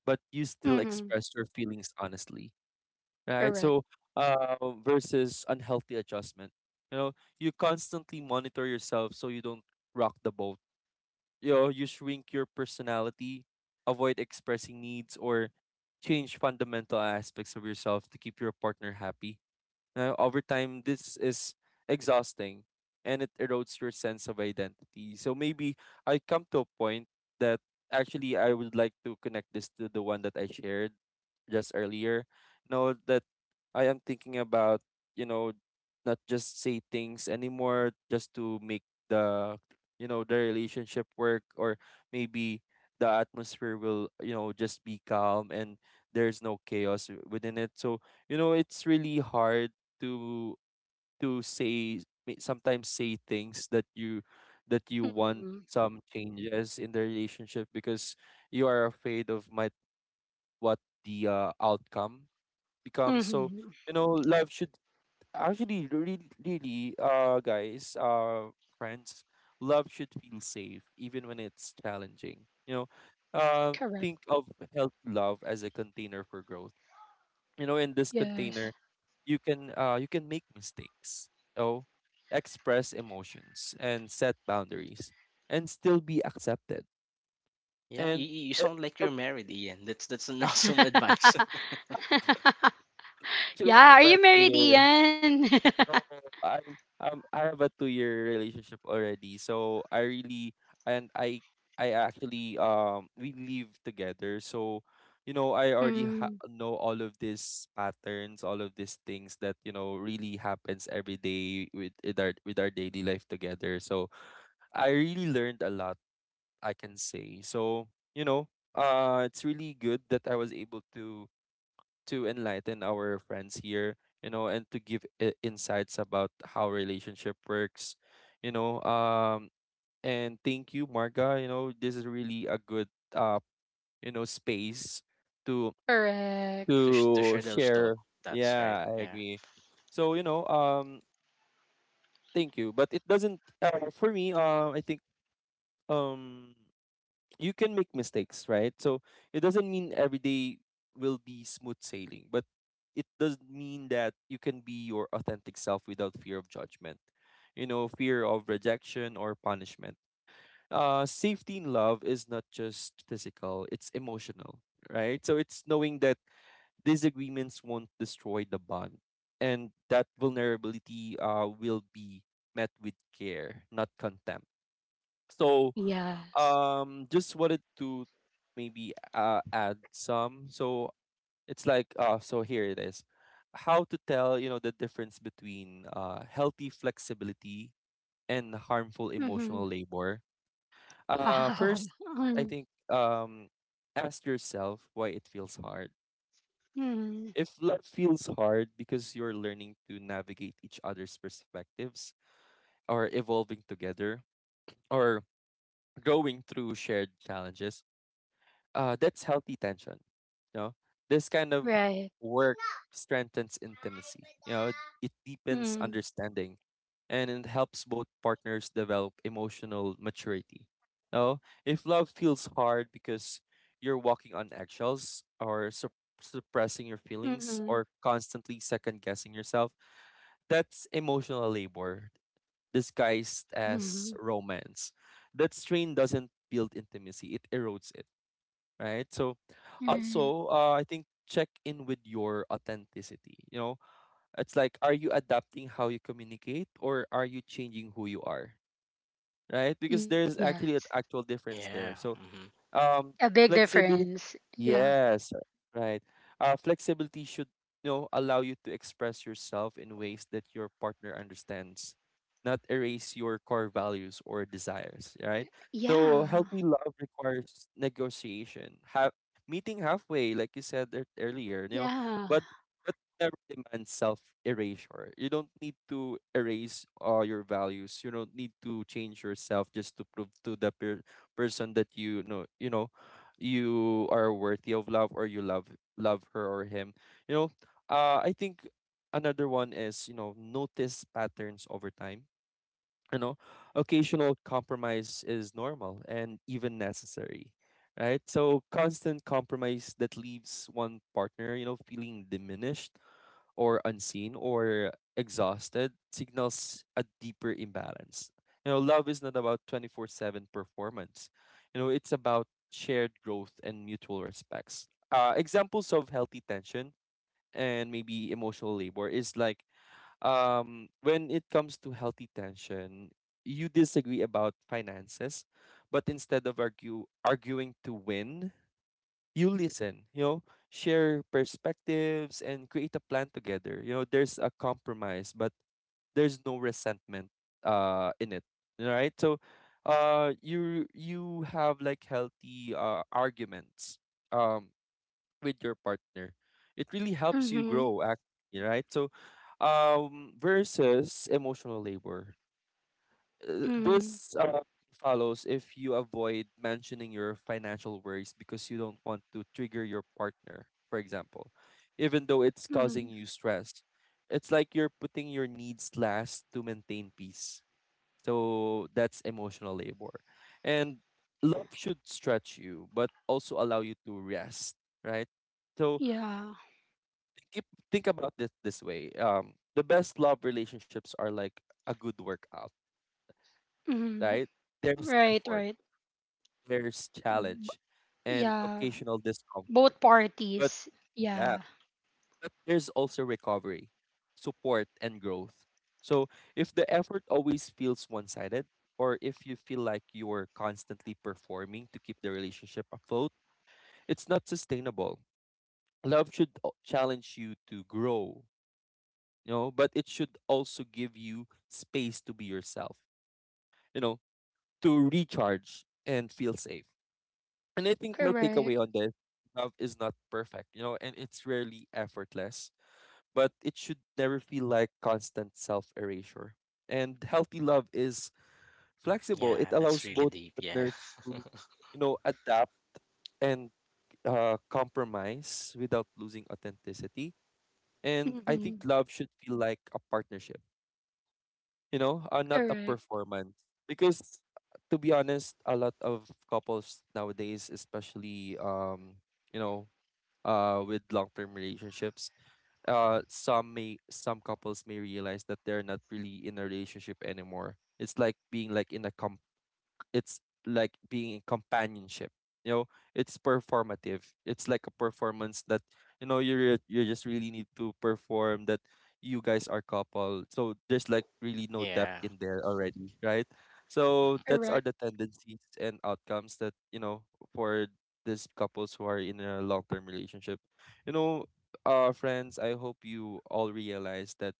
Speaker 2: but you still
Speaker 1: Mhm.
Speaker 2: express your feelings honestly, right?
Speaker 1: Correct.
Speaker 2: So, uh, versus unhealthy adjustment. You know, you constantly monitor yourself so you don't rock the boat, you know, you shrink your personality, avoid expressing needs, or change fundamental aspects of yourself to keep your partner happy. Now, over time, this is exhausting and it erodes your sense of identity. So maybe I come to a point that actually I would like to connect this to the one that I shared just earlier. Know, that I am thinking about, you know, not just say things anymore just to make the, you know, the relationship work, or maybe the atmosphere will, you know, just be calm and there's no chaos within it. So, you know, it's really hard to to say sometimes say things that you want
Speaker 1: Mhm.
Speaker 2: some changes in the relationship because you are afraid of might what the outcome becomes. So
Speaker 1: Mhm.
Speaker 2: you know, love should actually really really guys friends love should feel safe even when it's challenging, you know. uh,
Speaker 1: Correct.
Speaker 2: think of healthy love as a container for growth. You know, in this
Speaker 1: Yes.
Speaker 2: container you can make mistakes, oh express emotions and set boundaries and still be accepted.
Speaker 3: Yeah,
Speaker 2: And
Speaker 3: you
Speaker 2: e-
Speaker 3: sound like you're
Speaker 2: e-
Speaker 3: married, Ian. That's an awesome advice.
Speaker 2: actually
Speaker 1: Yeah, are
Speaker 2: have
Speaker 1: you married,
Speaker 2: a—
Speaker 1: Ian?
Speaker 2: No, I'm I have a 2 year relationship already. So I really— and I actually we live together. So you know I already
Speaker 1: Mm,
Speaker 2: know all of these patterns, all of these things that you know really happens every day with with our daily life together. So I really learned a lot. I can say so. You know, it's really good that I was able to enlighten our friends here, you know, and to give insights about how relationship works, you know. And thank you, Marga. You know, this is really a good, uh, you know, space to
Speaker 1: correct.
Speaker 3: To to share those
Speaker 2: share.
Speaker 3: thoughts. That's right.
Speaker 2: Yeah, I
Speaker 3: Yeah,
Speaker 2: agree. So you know, thank you. But it doesn't for me. I think um. you can make mistakes, right? So it doesn't mean every day will be smooth sailing, but it does mean that you can be your authentic self without fear of judgment, you know, fear of rejection or punishment. Safety in love is not just physical, it's emotional, right? So it's knowing that disagreements won't destroy the bond and that vulnerability will be met with care, not contempt. So
Speaker 1: Yes.
Speaker 2: just wanted to maybe add some. So it's like, so here it is. How to tell you know the difference between healthy flexibility and harmful
Speaker 1: Mm-hmm.
Speaker 2: emotional labor.
Speaker 1: Wow.
Speaker 2: First, I think ask yourself why it feels hard.
Speaker 1: Mm, mm,
Speaker 2: If life feels hard because you're learning to navigate each other's perspectives or evolving together or going through shared challenges, that's healthy tension. You know, this kind of
Speaker 1: right.
Speaker 2: work strengthens intimacy. You know, it deepens
Speaker 1: Mm,
Speaker 2: understanding, and it helps both partners develop emotional maturity. You know, if love feels hard because you're walking on eggshells or suppressing your
Speaker 1: mm,
Speaker 2: feelings or constantly second guessing yourself, that's emotional labor disguised
Speaker 1: mm,
Speaker 2: as romance. That strain doesn't build intimacy; it erodes it, right? So
Speaker 1: mm,
Speaker 2: also, I think check in with your authenticity. You know, it's like, are you adapting how you communicate, or are you changing who you are? Right? Because there's
Speaker 1: yes.
Speaker 2: actually an actual difference there.
Speaker 3: yeah,
Speaker 2: So
Speaker 3: hmm
Speaker 1: A big
Speaker 2: um
Speaker 1: difference.
Speaker 2: flexibility,
Speaker 1: Yeah.
Speaker 2: yes, right. Uh, flexibility should, you know, allow you to express yourself in ways that your partner understands, not erase your core values or desires, right?
Speaker 1: Yeah.
Speaker 2: So healthy love requires negotiation, have meeting halfway, like you said earlier, you know.
Speaker 1: Yeah.
Speaker 2: But never demands self erasure. You don't need to erase all your values, you don't need to change yourself just to prove to the peer person that, you know, you are worthy of love or you love her or him, you know. Uh, I think another one is, you know, notice patterns over time. You know, occasional compromise is normal and even necessary, right? So constant compromise that leaves one partner, you know, feeling diminished or unseen or exhausted signals a deeper imbalance. You know, love is not about 24/7 performance, you know, it's about shared growth and mutual respects. Examples of healthy tension and maybe emotional labor is like, when it comes to healthy tension, you disagree about finances, but instead of arguing to win, you listen, you know, share perspectives and create a plan together. You know, there's a compromise, but there's no resentment in it. All right? So you have like healthy arguments um with your partner. It really helps you
Speaker 1: Mm-hmm.
Speaker 2: grow actually, right? So versus emotional labor.
Speaker 1: Mm,
Speaker 2: This Follows if you avoid mentioning your financial worries because you don't want to trigger your partner, for example, even though it's
Speaker 1: mm,
Speaker 2: causing you stress. It's like you're putting your needs last to maintain peace. So that's emotional labor. And love should stretch you, but also allow you to rest, right? So
Speaker 1: yeah.
Speaker 2: keep, think about this way. The best love relationships are like a good workout,
Speaker 1: Mm,
Speaker 2: right? There's
Speaker 1: right,
Speaker 2: effort,
Speaker 1: right.
Speaker 2: there's
Speaker 1: B-
Speaker 2: challenge, and
Speaker 1: yeah.
Speaker 2: occasional
Speaker 1: Both
Speaker 2: discomfort. But
Speaker 1: parties. Yeah.
Speaker 2: yeah, but there's also recovery, support, and growth. So if the effort always feels one sided, or if you feel like you're constantly performing to keep the relationship afloat, it's not sustainable. Love should challenge you to grow, you know, but it should also give you space to be yourself, you know, to recharge and feel safe. And I think my
Speaker 1: Correct.
Speaker 2: takeaway on this: love is not perfect, you know, and it's rarely effortless, but it should never feel like constant self erasure. And healthy love is flexible, it
Speaker 3: yeah. That's
Speaker 2: allows
Speaker 3: really
Speaker 2: both
Speaker 3: deep. Yeah,
Speaker 2: partners to, you know, adapt and compromise without losing authenticity. And I think
Speaker 1: Mm-hmm.
Speaker 2: love should feel like a partnership, you know, not a
Speaker 1: Correct.
Speaker 2: performance. Because to be honest, a lot of couples nowadays, especially, you know, with long-term relationships, some couples may realize that they're not really in a relationship anymore. It's like being like in a— it's like being in companionship, you know. It's performative, it's like a performance that, you know, you you just really need to perform that you guys are couple, so there's like really no depth
Speaker 3: yeah.
Speaker 2: in there already, right? So that's are
Speaker 1: Correct.
Speaker 2: the tendencies and outcomes that, you know, for these couples who are in a long-term relationship, you know. Uh, friends, I hope you all realize that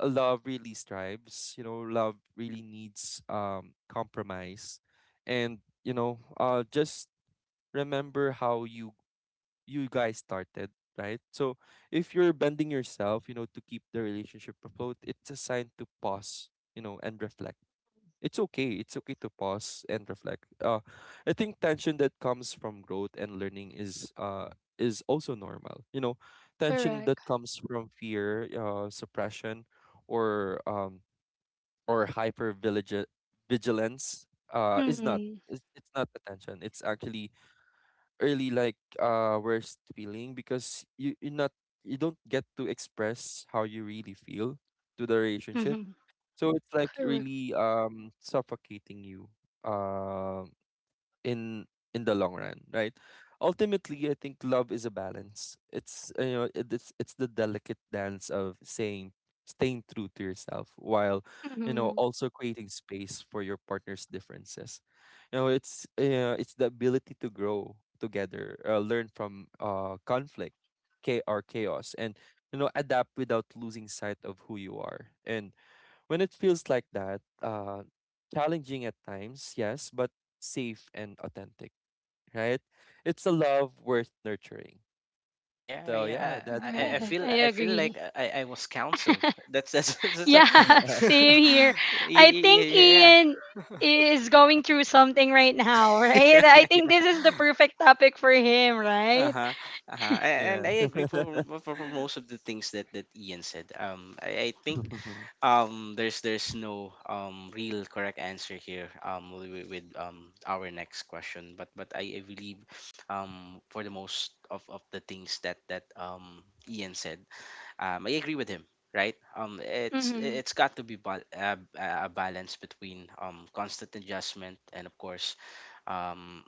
Speaker 2: love really strives, you know, love really needs, compromise, and, you know, just remember how you, you guys started, right? So if you're bending yourself, you know, to keep the relationship afloat, it's a sign to pause, you know, and reflect. It's okay, it's okay to pause and reflect. Uh, I think tension that comes from growth and learning is also normal, you know. Tension that
Speaker 1: Correct.
Speaker 2: comes from fear, suppression, or um or hyper vigilance, is not—
Speaker 1: Mm-hmm.
Speaker 2: it's not attention, it's actually really like worst feeling because you not— you don't get to express how you really feel to the relationship.
Speaker 1: Mm-hmm.
Speaker 2: So it's like
Speaker 1: Correct.
Speaker 2: really suffocating you um in the long run, right? Ultimately, I think love is a balance. It's, you know, it's the delicate dance of saying staying true to yourself while, you know,
Speaker 1: Mm-hmm.
Speaker 2: also creating space for your partner's differences. You know, it's, it's the ability to grow together, learn from conflict, cha- or chaos, and, you know, adapt without losing sight of who you are. And when it feels like that, challenging at times, yes, but safe and authentic, right? It's a love worth nurturing.
Speaker 3: Yeah,
Speaker 2: So yeah,
Speaker 3: yeah.
Speaker 2: that's
Speaker 3: I,
Speaker 2: for
Speaker 3: I I
Speaker 2: me.
Speaker 1: Correct.
Speaker 3: feel
Speaker 1: I
Speaker 3: I feel like
Speaker 1: agree.
Speaker 3: I was counseled. That's a,
Speaker 1: Yeah, same here. I
Speaker 3: yeah,
Speaker 1: think
Speaker 3: yeah,
Speaker 1: Ian is going through something right now, right? I think this is the perfect topic for him, right?
Speaker 3: Uh-huh. Uh-huh.
Speaker 2: Yeah.
Speaker 3: And I agree for, for most of the things that Ian said. I think there's no real correct answer here with our next question, but I believe for the most of the things that Ian said, I agree with him, right? It's
Speaker 1: Mm-hmm.
Speaker 3: it's got to be a balance between constant adjustment and of course um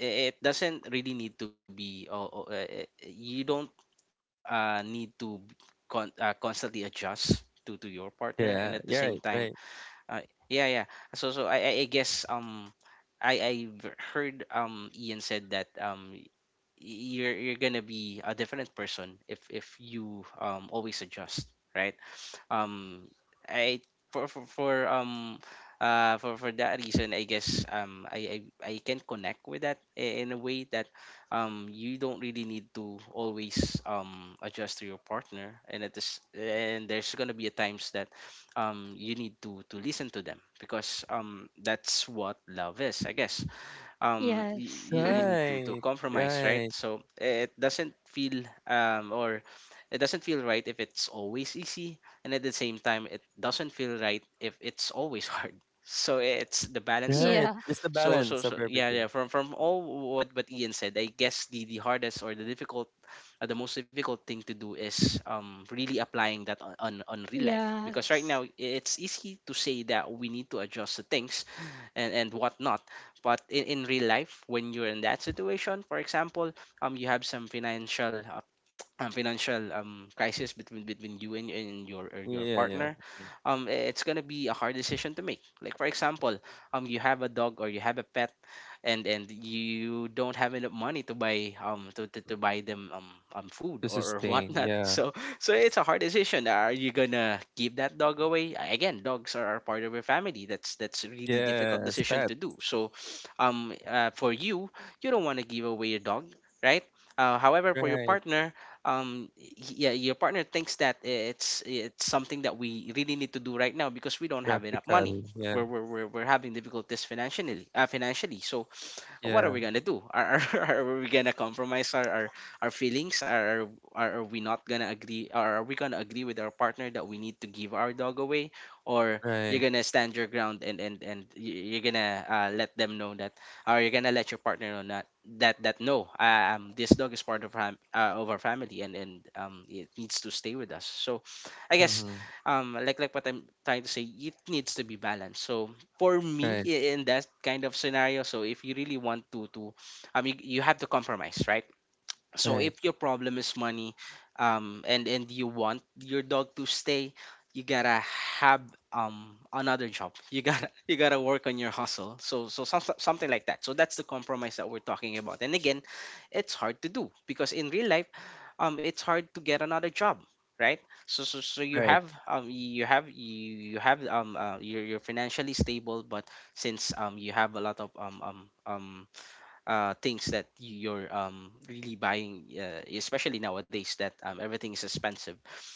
Speaker 3: it doesn't really need to be oh, oh, you don't need to constantly adjust to your partner, and at the
Speaker 2: Yeah.
Speaker 3: same
Speaker 2: Yeah. Right.
Speaker 3: time
Speaker 2: Right.
Speaker 3: uh, yeah yeah, so I guess I heard Ian said that you're gonna be a different person if you always adjust, right? Um, I For for that reason, I guess I can connect with that in a way that you don't really need to always adjust to your partner, and at this and there's gonna be a times that you need to listen to them because that's what love is, I guess.
Speaker 1: Yes.
Speaker 3: You, you need to
Speaker 2: Right.
Speaker 3: compromise, right?
Speaker 2: Right.
Speaker 3: So it doesn't feel or it doesn't feel right if it's always easy, and at the same time it doesn't feel right if it's always hard. So it's the balance of it.
Speaker 2: Right.
Speaker 1: Yeah.
Speaker 2: Just the
Speaker 3: so so
Speaker 2: balance of
Speaker 3: so yeah yeah,
Speaker 2: everything.
Speaker 3: from all what Ian said, I guess the hardest or the difficult the most difficult thing to do is really applying that on real life, because right
Speaker 1: Yes.
Speaker 3: now it's easy to say that we need to adjust the things and whatnot. But in real life, when you're in that situation, for example, you have some financial financial crisis between you and your
Speaker 2: Yeah. Yeah.
Speaker 3: partner,
Speaker 2: Mm.
Speaker 3: it's gonna be a hard decision to make. Like for example, you have a dog or you have a pet, and you don't have enough money to buy to buy them food
Speaker 2: To
Speaker 3: or
Speaker 2: sustain.
Speaker 3: whatnot.
Speaker 2: Yeah.
Speaker 3: So it's a hard decision. Are you gonna keep that dog away? Again, dogs are part of your family. That's a really difficult
Speaker 2: Yes.
Speaker 3: decision
Speaker 2: Pet.
Speaker 3: to do. So for you, you don't want to give away your dog, right? However, for your
Speaker 2: Right.
Speaker 3: partner, um y- yeah, your partner thinks that it's something that we really need to do right now because we don't have enough money.
Speaker 2: Practical. Yeah.
Speaker 3: We're having difficulties financially, financially. So what are
Speaker 2: Yeah.
Speaker 3: we gonna do? Are we gonna compromise our feelings? Are we not gonna agree? Are we gonna agree with our partner that we need to give our dog away, or
Speaker 2: Right.
Speaker 3: you're gonna stand your ground and you're gonna let them know that, or you're gonna let your partner know that no, this dog is part of of our family and and it needs to stay with us. So, I guess
Speaker 2: Mm-hmm.
Speaker 3: um like what I'm trying to say, it needs to be balanced. So for me,
Speaker 2: Right.
Speaker 3: in that kind of scenario, so if you really want to I mean, you have to compromise, right? So
Speaker 2: Right.
Speaker 3: if your problem is money, and you want your dog to stay, you gotta have another job. You gotta you gotta work on your hustle. So so something like that. So that's the compromise that we're talking about. And again, it's hard to do because in real life, it's hard to get another job, right? So you
Speaker 2: Right.
Speaker 3: have you have you have you're financially stable, but since you have a lot of um things that you're really buying, especially nowadays that, everything is expensive.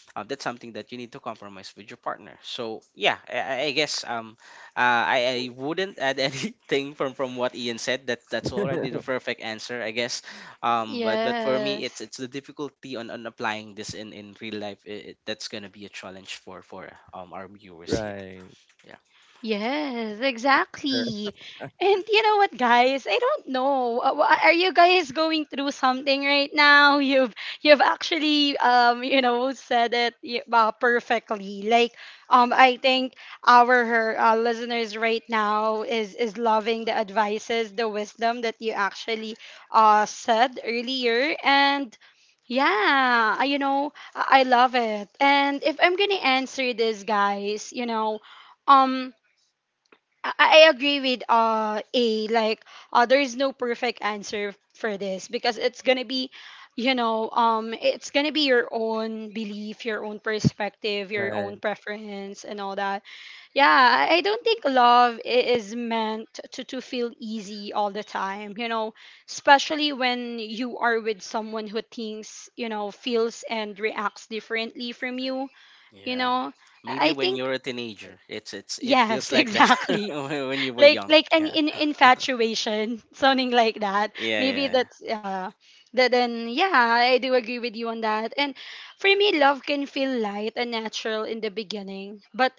Speaker 3: That's something that you need to compromise with your partner. So yeah, I I guess I wouldn't add anything from what Ian said. That that's already the perfect answer, I guess. But for me,
Speaker 1: Yes.
Speaker 3: it's the difficulty on applying this in real life. That's gonna be a challenge for, our viewers here.
Speaker 2: Right.
Speaker 3: Yeah.
Speaker 1: Yes,
Speaker 2: Right.
Speaker 1: exactly. And you know what, guys? I don't know. Are you guys going through something right now? You've actually, you know, said it perfectly. Like, I think our, listeners right now is loving the advices, the wisdom that you actually, said earlier, and yeah, you know, I love it. And if I'm gonna answer this, guys, you know, um. I agree with, A, like, there is no perfect answer for this because it's gonna be, you know, it's gonna be your own belief, your own perspective, your own
Speaker 2: Right.
Speaker 1: preference, and all that. Yeah, I don't think love is meant to feel easy all the time, you know, especially when you are with someone who thinks, you know, feels and reacts differently from you, you
Speaker 3: Yeah.
Speaker 1: know. I
Speaker 3: Maybe
Speaker 1: I
Speaker 3: when
Speaker 1: think
Speaker 3: you're a
Speaker 2: Right.
Speaker 3: teenager, it's it
Speaker 1: yes,
Speaker 3: feels like that
Speaker 1: exactly,
Speaker 3: when you were
Speaker 1: like
Speaker 3: young.
Speaker 1: like an
Speaker 3: Yeah.
Speaker 1: in infatuation, something like that.
Speaker 3: Yeah,
Speaker 1: Maybe
Speaker 3: yeah, yeah.
Speaker 1: that's, yeah. That Then yeah, I do agree with you on that. And for me, love can feel light and natural in the beginning, but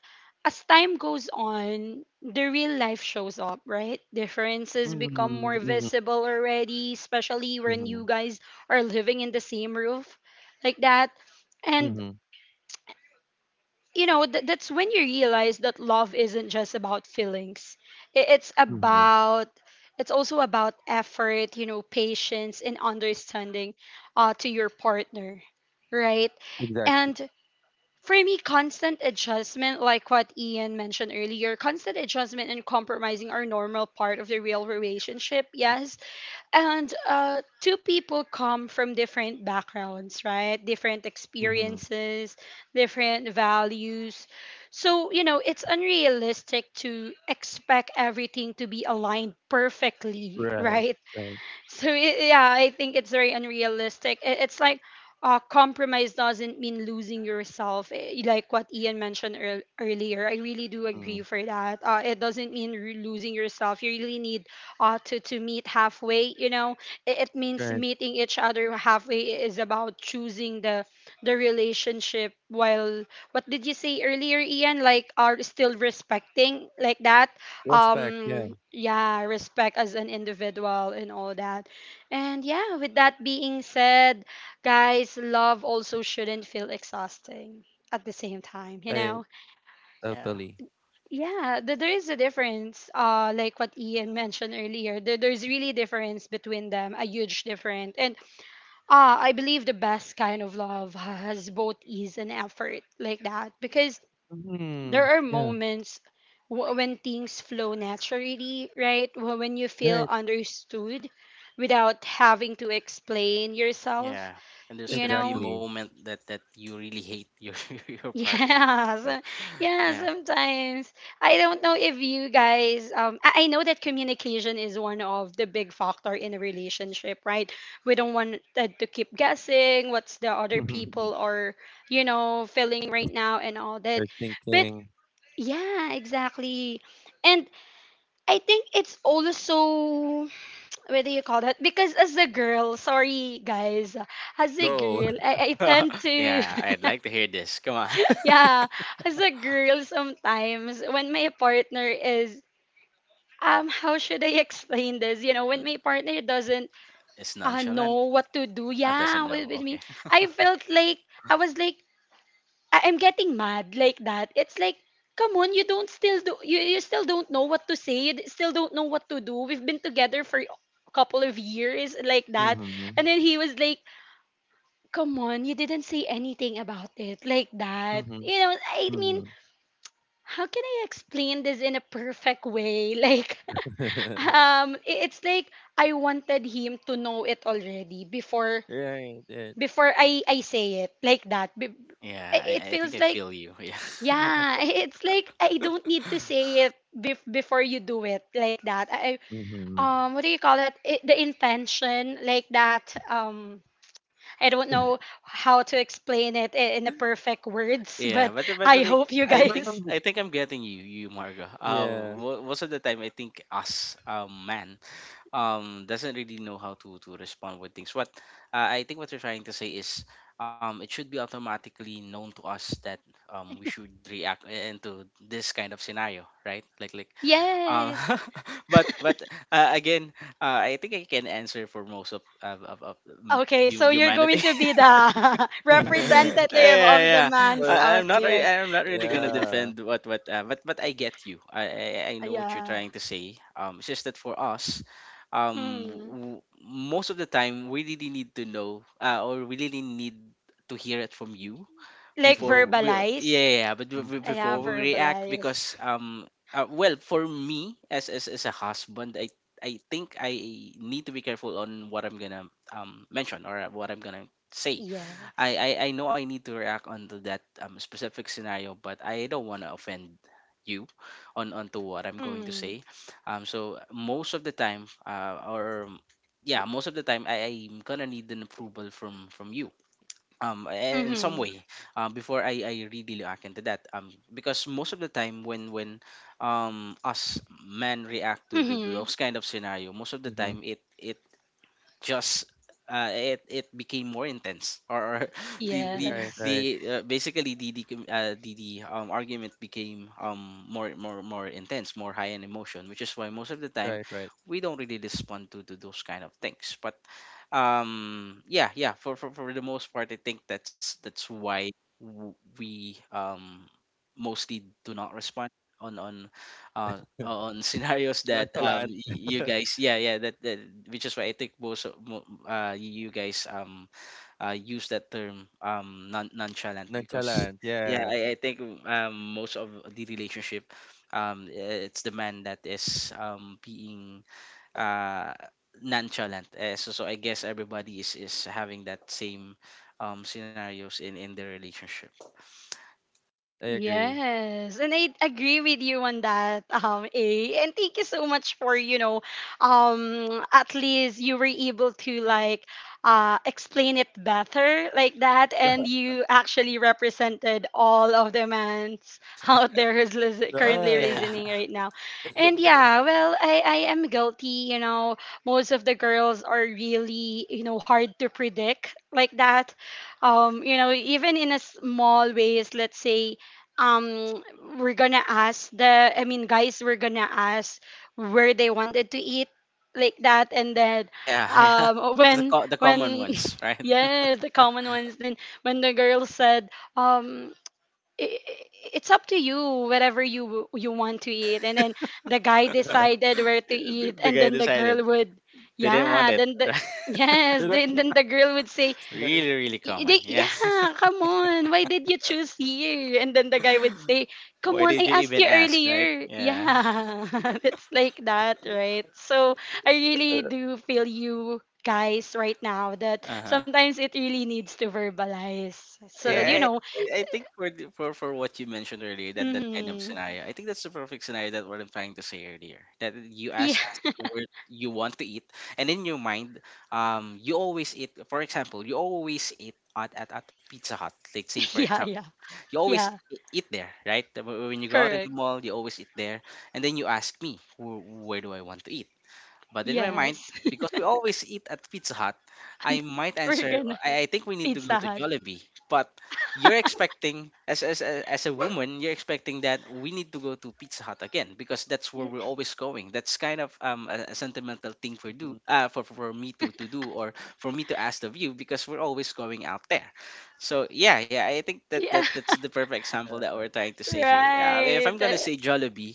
Speaker 1: as time goes on, the real life shows up, right? Differences become more
Speaker 2: Mhm,
Speaker 1: visible already, especially
Speaker 2: mhm,
Speaker 1: when you
Speaker 2: mhm,
Speaker 1: guys are living in the same roof, like that. And
Speaker 2: mhm,
Speaker 1: you know, that's when you realize that love isn't just about feelings. I- it's
Speaker 2: mhm.
Speaker 1: about it's also about effort, you know, patience and understanding, to your partner, right?
Speaker 2: Exactly.
Speaker 1: And for me, constant adjustment, like what Ian mentioned earlier, constant adjustment and compromising are normal part of the real relationship,
Speaker 2: M
Speaker 1: yes. And, two people come from different backgrounds, right? Different
Speaker 2: mhm.
Speaker 1: experiences, different values. So, you know, it's unrealistic to expect everything to be aligned perfectly,
Speaker 2: Right,
Speaker 1: right?
Speaker 2: right.
Speaker 1: So yeah I think it's very unrealistic. It's like compromise doesn't mean losing yourself, eh, like what Ian mentioned earlier. I really do
Speaker 2: Mm.
Speaker 1: agree for that. It doesn't mean losing yourself. You really need to meet halfway, you know. It means
Speaker 2: Right.
Speaker 1: meeting each other halfway, is about choosing the relationship while what did you say earlier, Ian, like are still respecting, like that.
Speaker 2: Respect, yeah.
Speaker 1: Yeah, respect as an individual and all that. And yeah, with that being said, guys, love also shouldn't feel exhausting at the same time, you
Speaker 2: I
Speaker 1: know.
Speaker 3: Yeah.
Speaker 2: totally.
Speaker 1: Yeah, there is a difference, like what Ian mentioned earlier. There's really difference between them, a huge difference. And I believe the best kind of love has both ease and effort, like that, because there
Speaker 2: Mhm.
Speaker 1: are
Speaker 2: Yeah.
Speaker 1: moments when things flow naturally, right? When you feel
Speaker 2: Right.
Speaker 1: understood without having to explain yourself,
Speaker 3: Yeah. And there's
Speaker 1: you
Speaker 3: gonna be a
Speaker 1: know?
Speaker 2: Exactly.
Speaker 3: moment that that you really hate your your partner.
Speaker 1: Yeah,
Speaker 3: So
Speaker 1: yeah,
Speaker 3: yeah.
Speaker 1: sometimes. I don't know if you guys I know that communication is one of the big factor in a relationship, right? We don't want to keep guessing what's the other people are, you know, feeling right now and all that.
Speaker 2: We're
Speaker 1: But
Speaker 2: thinking,
Speaker 1: yeah, exactly. And I think it's also what do you call that? Because as a girl, sorry guys, as a
Speaker 2: go.
Speaker 1: girl, I tend to
Speaker 3: Yeah, I'd like to hear this. Come on.
Speaker 1: yeah, as a girl sometimes when my partner is how should I explain this? You know, when my partner doesn't
Speaker 3: It's nonchalant.
Speaker 1: know what to do,
Speaker 3: Doesn't
Speaker 1: yeah,
Speaker 3: know.
Speaker 1: with
Speaker 3: Okay.
Speaker 1: me, I felt like I was like I'm getting mad, like that. It's like, come on, you don't still do you, you still don't know what to say. You still don't know what to do. We've been together for a couple of years, like that.
Speaker 2: Mhm,
Speaker 1: And then he was like, come on, you didn't say anything about it, like that.
Speaker 2: mhm,
Speaker 1: You know, I mean,
Speaker 2: mhm.
Speaker 1: how can I explain this in a perfect way? Like, it's like I wanted him to know it already before
Speaker 2: Right, right.
Speaker 1: before I say it, like that.
Speaker 3: Yeah,
Speaker 1: It, it
Speaker 3: I think
Speaker 1: feels
Speaker 3: I
Speaker 1: like
Speaker 3: feel you. Yeah.
Speaker 1: yeah, it's like I don't need to say it before you do it, like that. I
Speaker 2: Mhm.
Speaker 1: what do you call that? It, the intention, like that. I don't know how to explain it in the perfect words,
Speaker 3: Yeah,
Speaker 1: but
Speaker 3: but
Speaker 1: I
Speaker 3: like
Speaker 1: hope you
Speaker 2: You
Speaker 1: guys
Speaker 2: know,
Speaker 3: I think I'm getting you, you Margo.
Speaker 2: yeah.
Speaker 3: Most of the time I think us man doesn't really know how to respond with things what I think what you're trying to say is, it should be automatically known to us that we should react into this kind of scenario, right? Like like um
Speaker 1: yes.
Speaker 3: but again, I think I can answer for most of of, of, of mm,
Speaker 1: Okay,
Speaker 3: hu-
Speaker 1: so you're going
Speaker 3: humanity.
Speaker 1: to be the representative
Speaker 3: Yeah,
Speaker 1: of the
Speaker 3: yeah.
Speaker 1: mans
Speaker 2: But,
Speaker 3: I'm
Speaker 1: out
Speaker 3: not.
Speaker 1: there.
Speaker 3: I'm not really gonna
Speaker 2: yeah.
Speaker 3: defend what what. But I get you. I I know what you're
Speaker 1: Yeah.
Speaker 3: trying to say. It's just that for us,
Speaker 1: Mm.
Speaker 3: most of the time we really need to know, or we really need to hear it from you
Speaker 1: Like
Speaker 2: Mhm,
Speaker 3: before. We, yeah,
Speaker 1: verbalize.
Speaker 3: yeah, yeah, but
Speaker 2: mhm,
Speaker 1: Yeah,
Speaker 3: before we
Speaker 2: mhm,
Speaker 3: react,
Speaker 1: verbalize.
Speaker 3: because well, for me as as a husband, I. I think I need to be careful on what I'm gonna mention or what I'm gonna say.
Speaker 1: Yes.
Speaker 3: I know I need to react onto that, specific scenario, but I don't want to offend you on onto what I'm going to
Speaker 1: Mm.
Speaker 3: say. So most of the time, or yeah, most of the time, I'm gonna need an approval from you. In some way, before I really react into that. Because most of the time when, us men react to
Speaker 1: Mhm.
Speaker 3: those kind of scenario, most of the
Speaker 2: mhm.
Speaker 3: time it just it it became more intense, or the the
Speaker 2: Right,
Speaker 3: the
Speaker 1: Yes.
Speaker 2: right,
Speaker 3: basically the the, argument became more intense, more high in emotion, which is why most of the time
Speaker 2: right, right.
Speaker 3: we don't really respond to those kind of things, but yeah yeah, for the most part, I think that's why we, mostly do not respond on, on scenarios that,
Speaker 2: Nonchalant.
Speaker 3: you guys, yeah yeah, that, that, which is why I think most of you guys, use that term, nonchalant, because
Speaker 2: Nonchalant.
Speaker 3: yeah,
Speaker 2: Yeah,
Speaker 3: I think, most of the relationship, it's the man that is, being, uh nonchalant, so so I guess everybody is having that same, scenarios in their relationship.
Speaker 2: I agree.
Speaker 1: Yes, and I agree with you on that, A. And thank you so much for, you know, at least you were able to like explain it better, like that, and you actually represented all of the mans out there who's currently
Speaker 2: Right.
Speaker 3: Yeah.
Speaker 1: listening right now. And yeah, well, I am guilty, you know, most of the girls are really, you know, hard to predict, like that. You know, even in a small ways, let's say um we're gonna ask the I mean guys we're gonna ask where they wanted to eat, like that, and then
Speaker 3: Yeah, yeah. The common
Speaker 1: when
Speaker 3: ones, right?
Speaker 1: yes the common ones, then when the girl said um i i- it's up to you whatever you you want to eat, and then the guy decided where to eat,
Speaker 3: The
Speaker 1: and
Speaker 3: guy
Speaker 1: then the girl
Speaker 3: decided
Speaker 1: would
Speaker 3: they didn't want
Speaker 1: yeah
Speaker 3: it.
Speaker 1: then the
Speaker 2: You
Speaker 1: yes,
Speaker 2: know,
Speaker 1: then the girl would say
Speaker 3: Right?
Speaker 2: listeners,
Speaker 3: Really, really common.
Speaker 1: They,
Speaker 3: Yeah.
Speaker 1: yeah, come on. Why did you choose here? And then the guy would say, come
Speaker 3: Why
Speaker 1: on,
Speaker 3: did
Speaker 1: I
Speaker 3: you
Speaker 1: asked
Speaker 3: even
Speaker 1: you
Speaker 3: ask, right?
Speaker 1: earlier.
Speaker 3: Yeah.
Speaker 1: Yeah, it's like that, right? So I really
Speaker 2: uh,
Speaker 1: do feel you guys right now, that
Speaker 3: Uh huh.
Speaker 1: sometimes it really needs to verbalize. So, you
Speaker 2: yeah.
Speaker 3: Yeah. I
Speaker 1: know,
Speaker 3: I think for, the, for what you mentioned earlier, that that kind of
Speaker 1: mm,
Speaker 3: scenario, I think that's the perfect scenario that what I'm trying to say earlier. That you
Speaker 1: yeah,
Speaker 3: ask, ask where you want to eat, and in your mind, you always eat. For example, you always eat at Pizza Hut. Let's say, for
Speaker 1: yeah,
Speaker 3: example,
Speaker 1: yeah,
Speaker 3: you always
Speaker 1: yeah,
Speaker 3: eat there, right? When you go out in the
Speaker 1: correct.
Speaker 3: mall, you always eat there. And then you ask me, where do I want to eat?" But in my mind,
Speaker 1: Yes,
Speaker 3: because we always eat at Pizza Hut, I might
Speaker 1: we're
Speaker 3: answer,
Speaker 1: gonna
Speaker 3: I think we need to go
Speaker 1: Pizza
Speaker 3: to
Speaker 1: Hut.
Speaker 3: Jollibee. But you're expecting, as, as a woman, you're expecting that we need to go to Pizza Hut again because that's where we're always going. That's kind of, a
Speaker 2: Mhm.
Speaker 3: sentimental thing for do, for me to do or for me to ask of you because we're always going out there. So yeah, yeah, I think that,
Speaker 1: Yeah,
Speaker 3: that that's the
Speaker 2: Yeah.
Speaker 3: perfect example that we're trying to say here. If
Speaker 1: right.
Speaker 3: I'm gonna say Jollibee,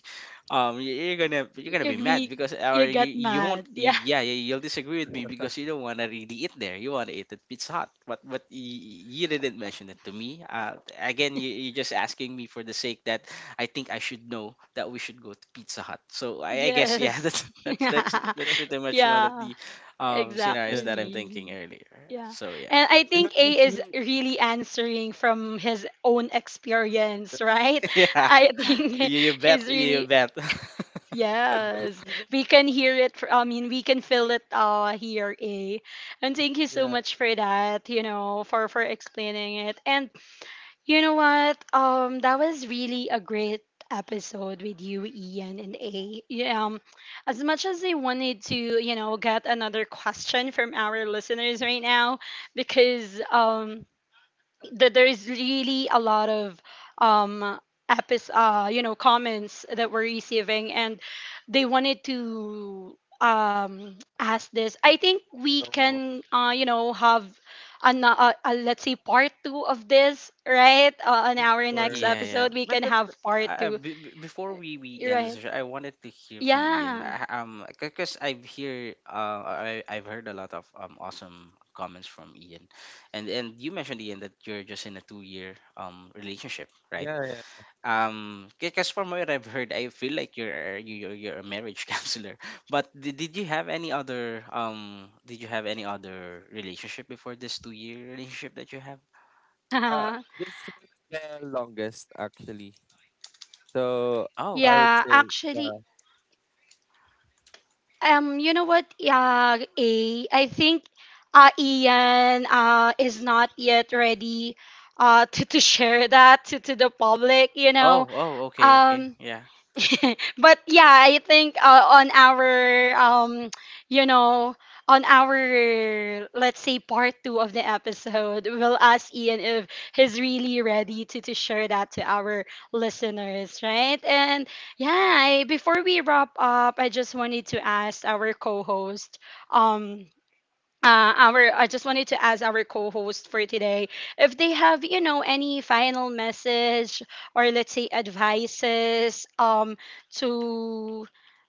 Speaker 3: you're gonna
Speaker 1: You,
Speaker 3: be mad, because or
Speaker 1: you
Speaker 3: you,
Speaker 1: get
Speaker 3: you won't
Speaker 1: mad.
Speaker 3: you
Speaker 1: Yeah.
Speaker 3: yeah yeah, you'll disagree with me because you don't want to really eat there, you want to eat at Pizza Hut, but you didn't mention it to me. Uh, again, you, you're just asking me for the sake that I think I should know that we should go to Pizza Hut. So I guess, yeah,
Speaker 1: Yes.
Speaker 3: that's that's that's that's pretty much one of
Speaker 1: yeah,
Speaker 3: the, scenarios
Speaker 2: Yeah.
Speaker 3: that I'm thinking
Speaker 1: exactly.
Speaker 3: earlier,
Speaker 1: Yeah.
Speaker 3: so yeah.
Speaker 1: And
Speaker 2: You
Speaker 1: I
Speaker 2: know, this
Speaker 1: think
Speaker 2: is
Speaker 1: A
Speaker 2: really
Speaker 1: is really answering from his own experience,
Speaker 2: interesting, man.
Speaker 1: right?
Speaker 3: Yeah,
Speaker 1: I think
Speaker 3: you
Speaker 1: he's
Speaker 3: bet you
Speaker 1: really
Speaker 3: bet.
Speaker 2: This is
Speaker 1: yes.
Speaker 2: really
Speaker 1: We
Speaker 2: not
Speaker 1: can
Speaker 2: about,
Speaker 1: hear it I mean we can feel it here, A. And thank you
Speaker 2: yeah,
Speaker 1: so much for that, you know, for explaining it. And you know what? That was really a great episode with you, Ian and A. Yeah, um, as much as I wanted to, you know, get another question from our listeners right now, because that there is really a lot of um epis you know comments that we're receiving, and they wanted to ask this. I think we
Speaker 2: no more.
Speaker 1: can you know have an, let's say, part two of this, right? On
Speaker 2: Of
Speaker 1: our next
Speaker 2: course.
Speaker 3: Yeah, yeah.
Speaker 1: episode we can have
Speaker 3: But,
Speaker 1: part two,
Speaker 3: before we end the
Speaker 1: right?
Speaker 3: session, I wanted to hear from Ian.
Speaker 1: Yeah.
Speaker 3: I, because I've hear I I've heard a lot of, awesome comments from Ian, and you mentioned, Ian, that you're just in a 2 year relationship, right?
Speaker 2: Yeah, yeah.
Speaker 3: Because from what I've heard, I feel like you're a marriage counselor. But did you have any other did you have any other relationship before this 2 year relationship that you have?
Speaker 2: Uh, this was the longest, actually. So,
Speaker 3: Oh,
Speaker 2: I
Speaker 3: okay.
Speaker 2: would
Speaker 1: Yeah,
Speaker 2: say,
Speaker 1: actually
Speaker 2: yeah.
Speaker 1: um, you know what? Yeah, A. I think Ian is not yet ready to share that to the public, you know.
Speaker 3: Oh, oh, okay, okay.
Speaker 1: Um,
Speaker 3: Yeah.
Speaker 1: but yeah, I think on our you know, on our let's say part two of the episode, we'll ask Ian if he's really ready to share that to our listeners, right? And yeah, I, before we wrap up, I just wanted to ask our co-host, um, our I just wanted to ask our co-host for today if they have you know any final message or let's say advices to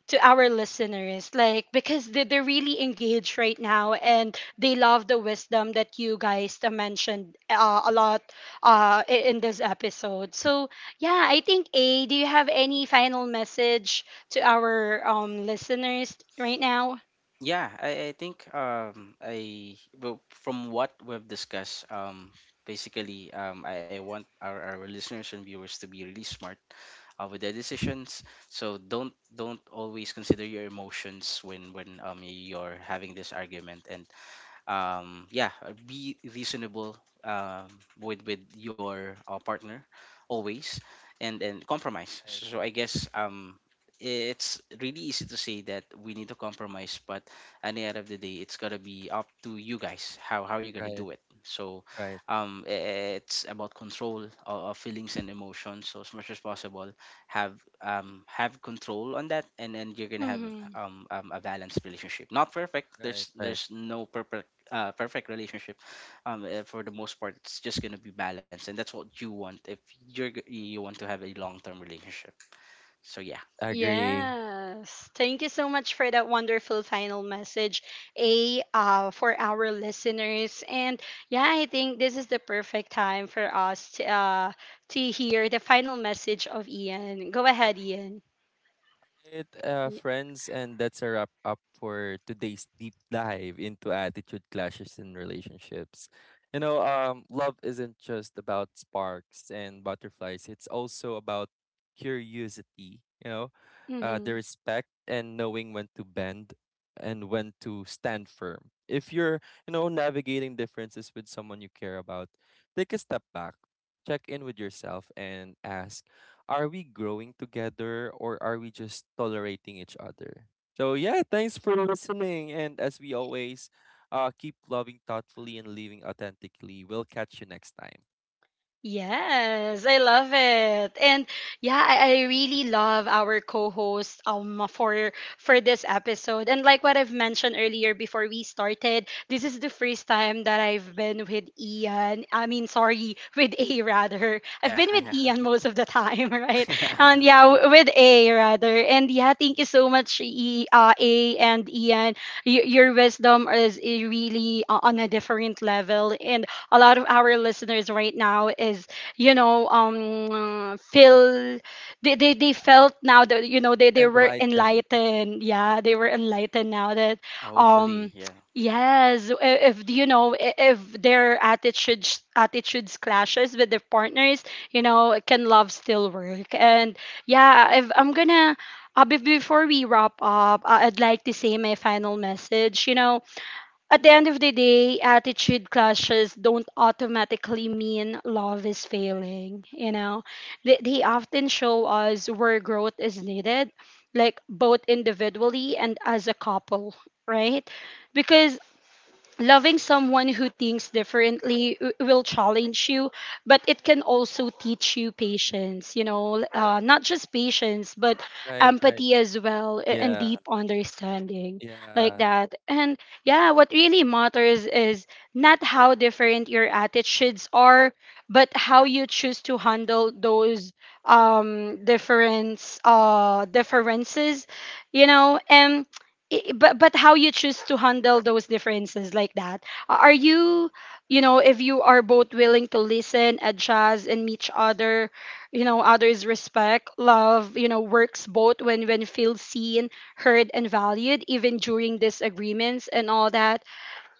Speaker 1: to our listeners, like because they, they're really engaged right now and they love the wisdom that you guys mentioned a lot, in this episode. So yeah, I think, A, do you have any final message to our listeners right now?
Speaker 3: Yeah, I think I well, from what we've discussed, basically, I want our listeners and viewers to be really smart, with their decisions. So don't always consider your emotions when, you're having this argument, and yeah, be reasonable, um with your, partner, always, and compromise,
Speaker 2: Right,
Speaker 3: so so I guess, it's really easy to say that we need to compromise, but at the end of the day, it's gonna be up to you guys how you're gonna
Speaker 2: right,
Speaker 3: do it. So,
Speaker 2: right,
Speaker 3: it's about control of feelings and emotions, so as much as possible, have, have control on that, and then you're gonna have, a balanced relationship, not perfect.
Speaker 2: right,
Speaker 3: there's
Speaker 2: right.
Speaker 3: there's no perfect, perfect relationship. For the most part, it's just gonna be balanced, and that's what you want if you want to have a long-term relationship, so yeah.
Speaker 2: Agree.
Speaker 1: Yes. Thank you so much for that wonderful final message, A, for our listeners. And yeah, I think this is the perfect time for us to hear the final message of Ian. Go ahead, Ian.
Speaker 2: Right,
Speaker 1: Yeah.
Speaker 2: friends, and that's a wrap up for today's deep dive into attitude clashes in relationships. You know, love isn't just about sparks and butterflies. It's also about curiosity. You know, the
Speaker 1: Mm-hmm.
Speaker 2: respect and knowing when to bend and when to stand firm. If you're, you know, navigating differences with someone you care about, take a step back, check in with yourself, and ask, are we growing together or are we just tolerating each other? So yeah, thanks for listening. And as we always, keep loving thoughtfully and living authentically. We'll catch you next time.
Speaker 1: Yes, I love it. And yeah, I really love our co-host for this episode. And like what I've mentioned earlier before we started, this is the first time that I've been with Ian. I mean, sorry, with A rather. I've
Speaker 3: Yeah.
Speaker 1: been with Ian most of the time, right?
Speaker 3: Yeah,
Speaker 1: And yeah, with A rather. And yeah, thank you so much, E, A and Ian. Your wisdom is really on a different level. And a lot of our listeners right now is you know feel they felt now that you know they were
Speaker 2: Enlightened.
Speaker 1: enlightened. Yeah, they were enlightened now that
Speaker 3: yeah, hopefully,
Speaker 1: um
Speaker 3: yeah.
Speaker 1: yes, if you know if their attitudes clashes with their partners, you know, can love still work? And yeah, if I'm gonna before we wrap up, I'd like to say my final message. You know, at the end of the day, attitude clashes don't automatically mean love is failing, you know? They often show us where growth is needed, like both individually and as a couple, right? Because loving someone who thinks differently will challenge you, but it can also teach you patience, you know, not just patience but
Speaker 2: Right, right.
Speaker 1: empathy as well, and
Speaker 2: Yeah,
Speaker 1: deep understanding, like
Speaker 2: yeah,
Speaker 1: that. And yeah, what really matters is not how different your attitudes are, but how you choose to handle those differences, you know. And but how you choose to handle those differences, like that. Are you, you know, if you are both willing to listen, adjust and meet each other, you know, others respect love you know works both when feel seen, heard and valued, even during disagreements and all that.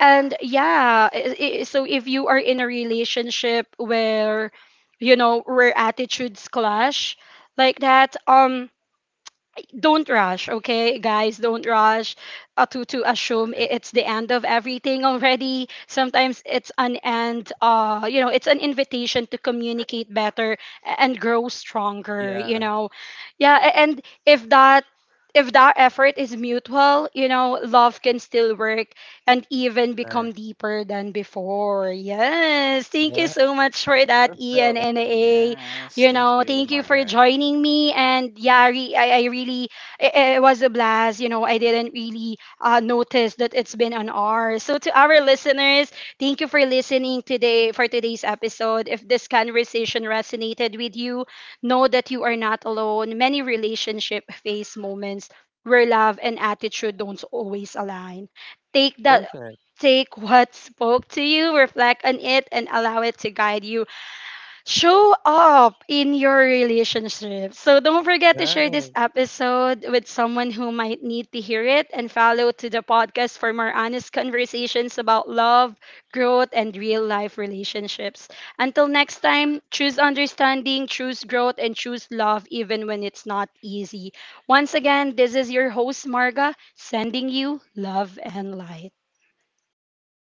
Speaker 1: And yeah, so if you are in a relationship where you know where attitudes clash, like that, don't rush, okay, guys. Don't rush to
Speaker 2: right.
Speaker 1: assume it's the end of everything already. Sometimes it's an end. You know, it's an invitation to communicate better, and grow stronger.
Speaker 2: Yeah,
Speaker 1: You know, yeah. And if that effort is mutual, you know, love can still work and even
Speaker 2: right.
Speaker 1: become deeper than before. Yes. Thank
Speaker 2: Yeah,
Speaker 1: you so much for that, Ian
Speaker 2: perfect,
Speaker 1: and A.
Speaker 3: Yes,
Speaker 1: You
Speaker 3: thank
Speaker 1: know,
Speaker 3: you,
Speaker 1: thank you for
Speaker 3: Marga.
Speaker 1: joining me. And yeah, I really it, it was a blast. You know, I didn't really notice that it's been an hour. So to our listeners, thank you for listening today for today's episode. If this conversation resonated with you, know that you are not alone. Many relationship face moments where love and attitude don't always align. Take that
Speaker 2: perfect.
Speaker 1: take what spoke to you, reflect on it, and allow it to guide you show up in your relationship. So don't forget to share
Speaker 2: Right.
Speaker 1: this episode with someone who might need to hear it, and follow to the podcast for more honest conversations about love, growth, and real life relationships. Until next time, choose understanding, choose growth, and choose love even when it's not easy. Once again, this is your host, Marga, sending you love and light.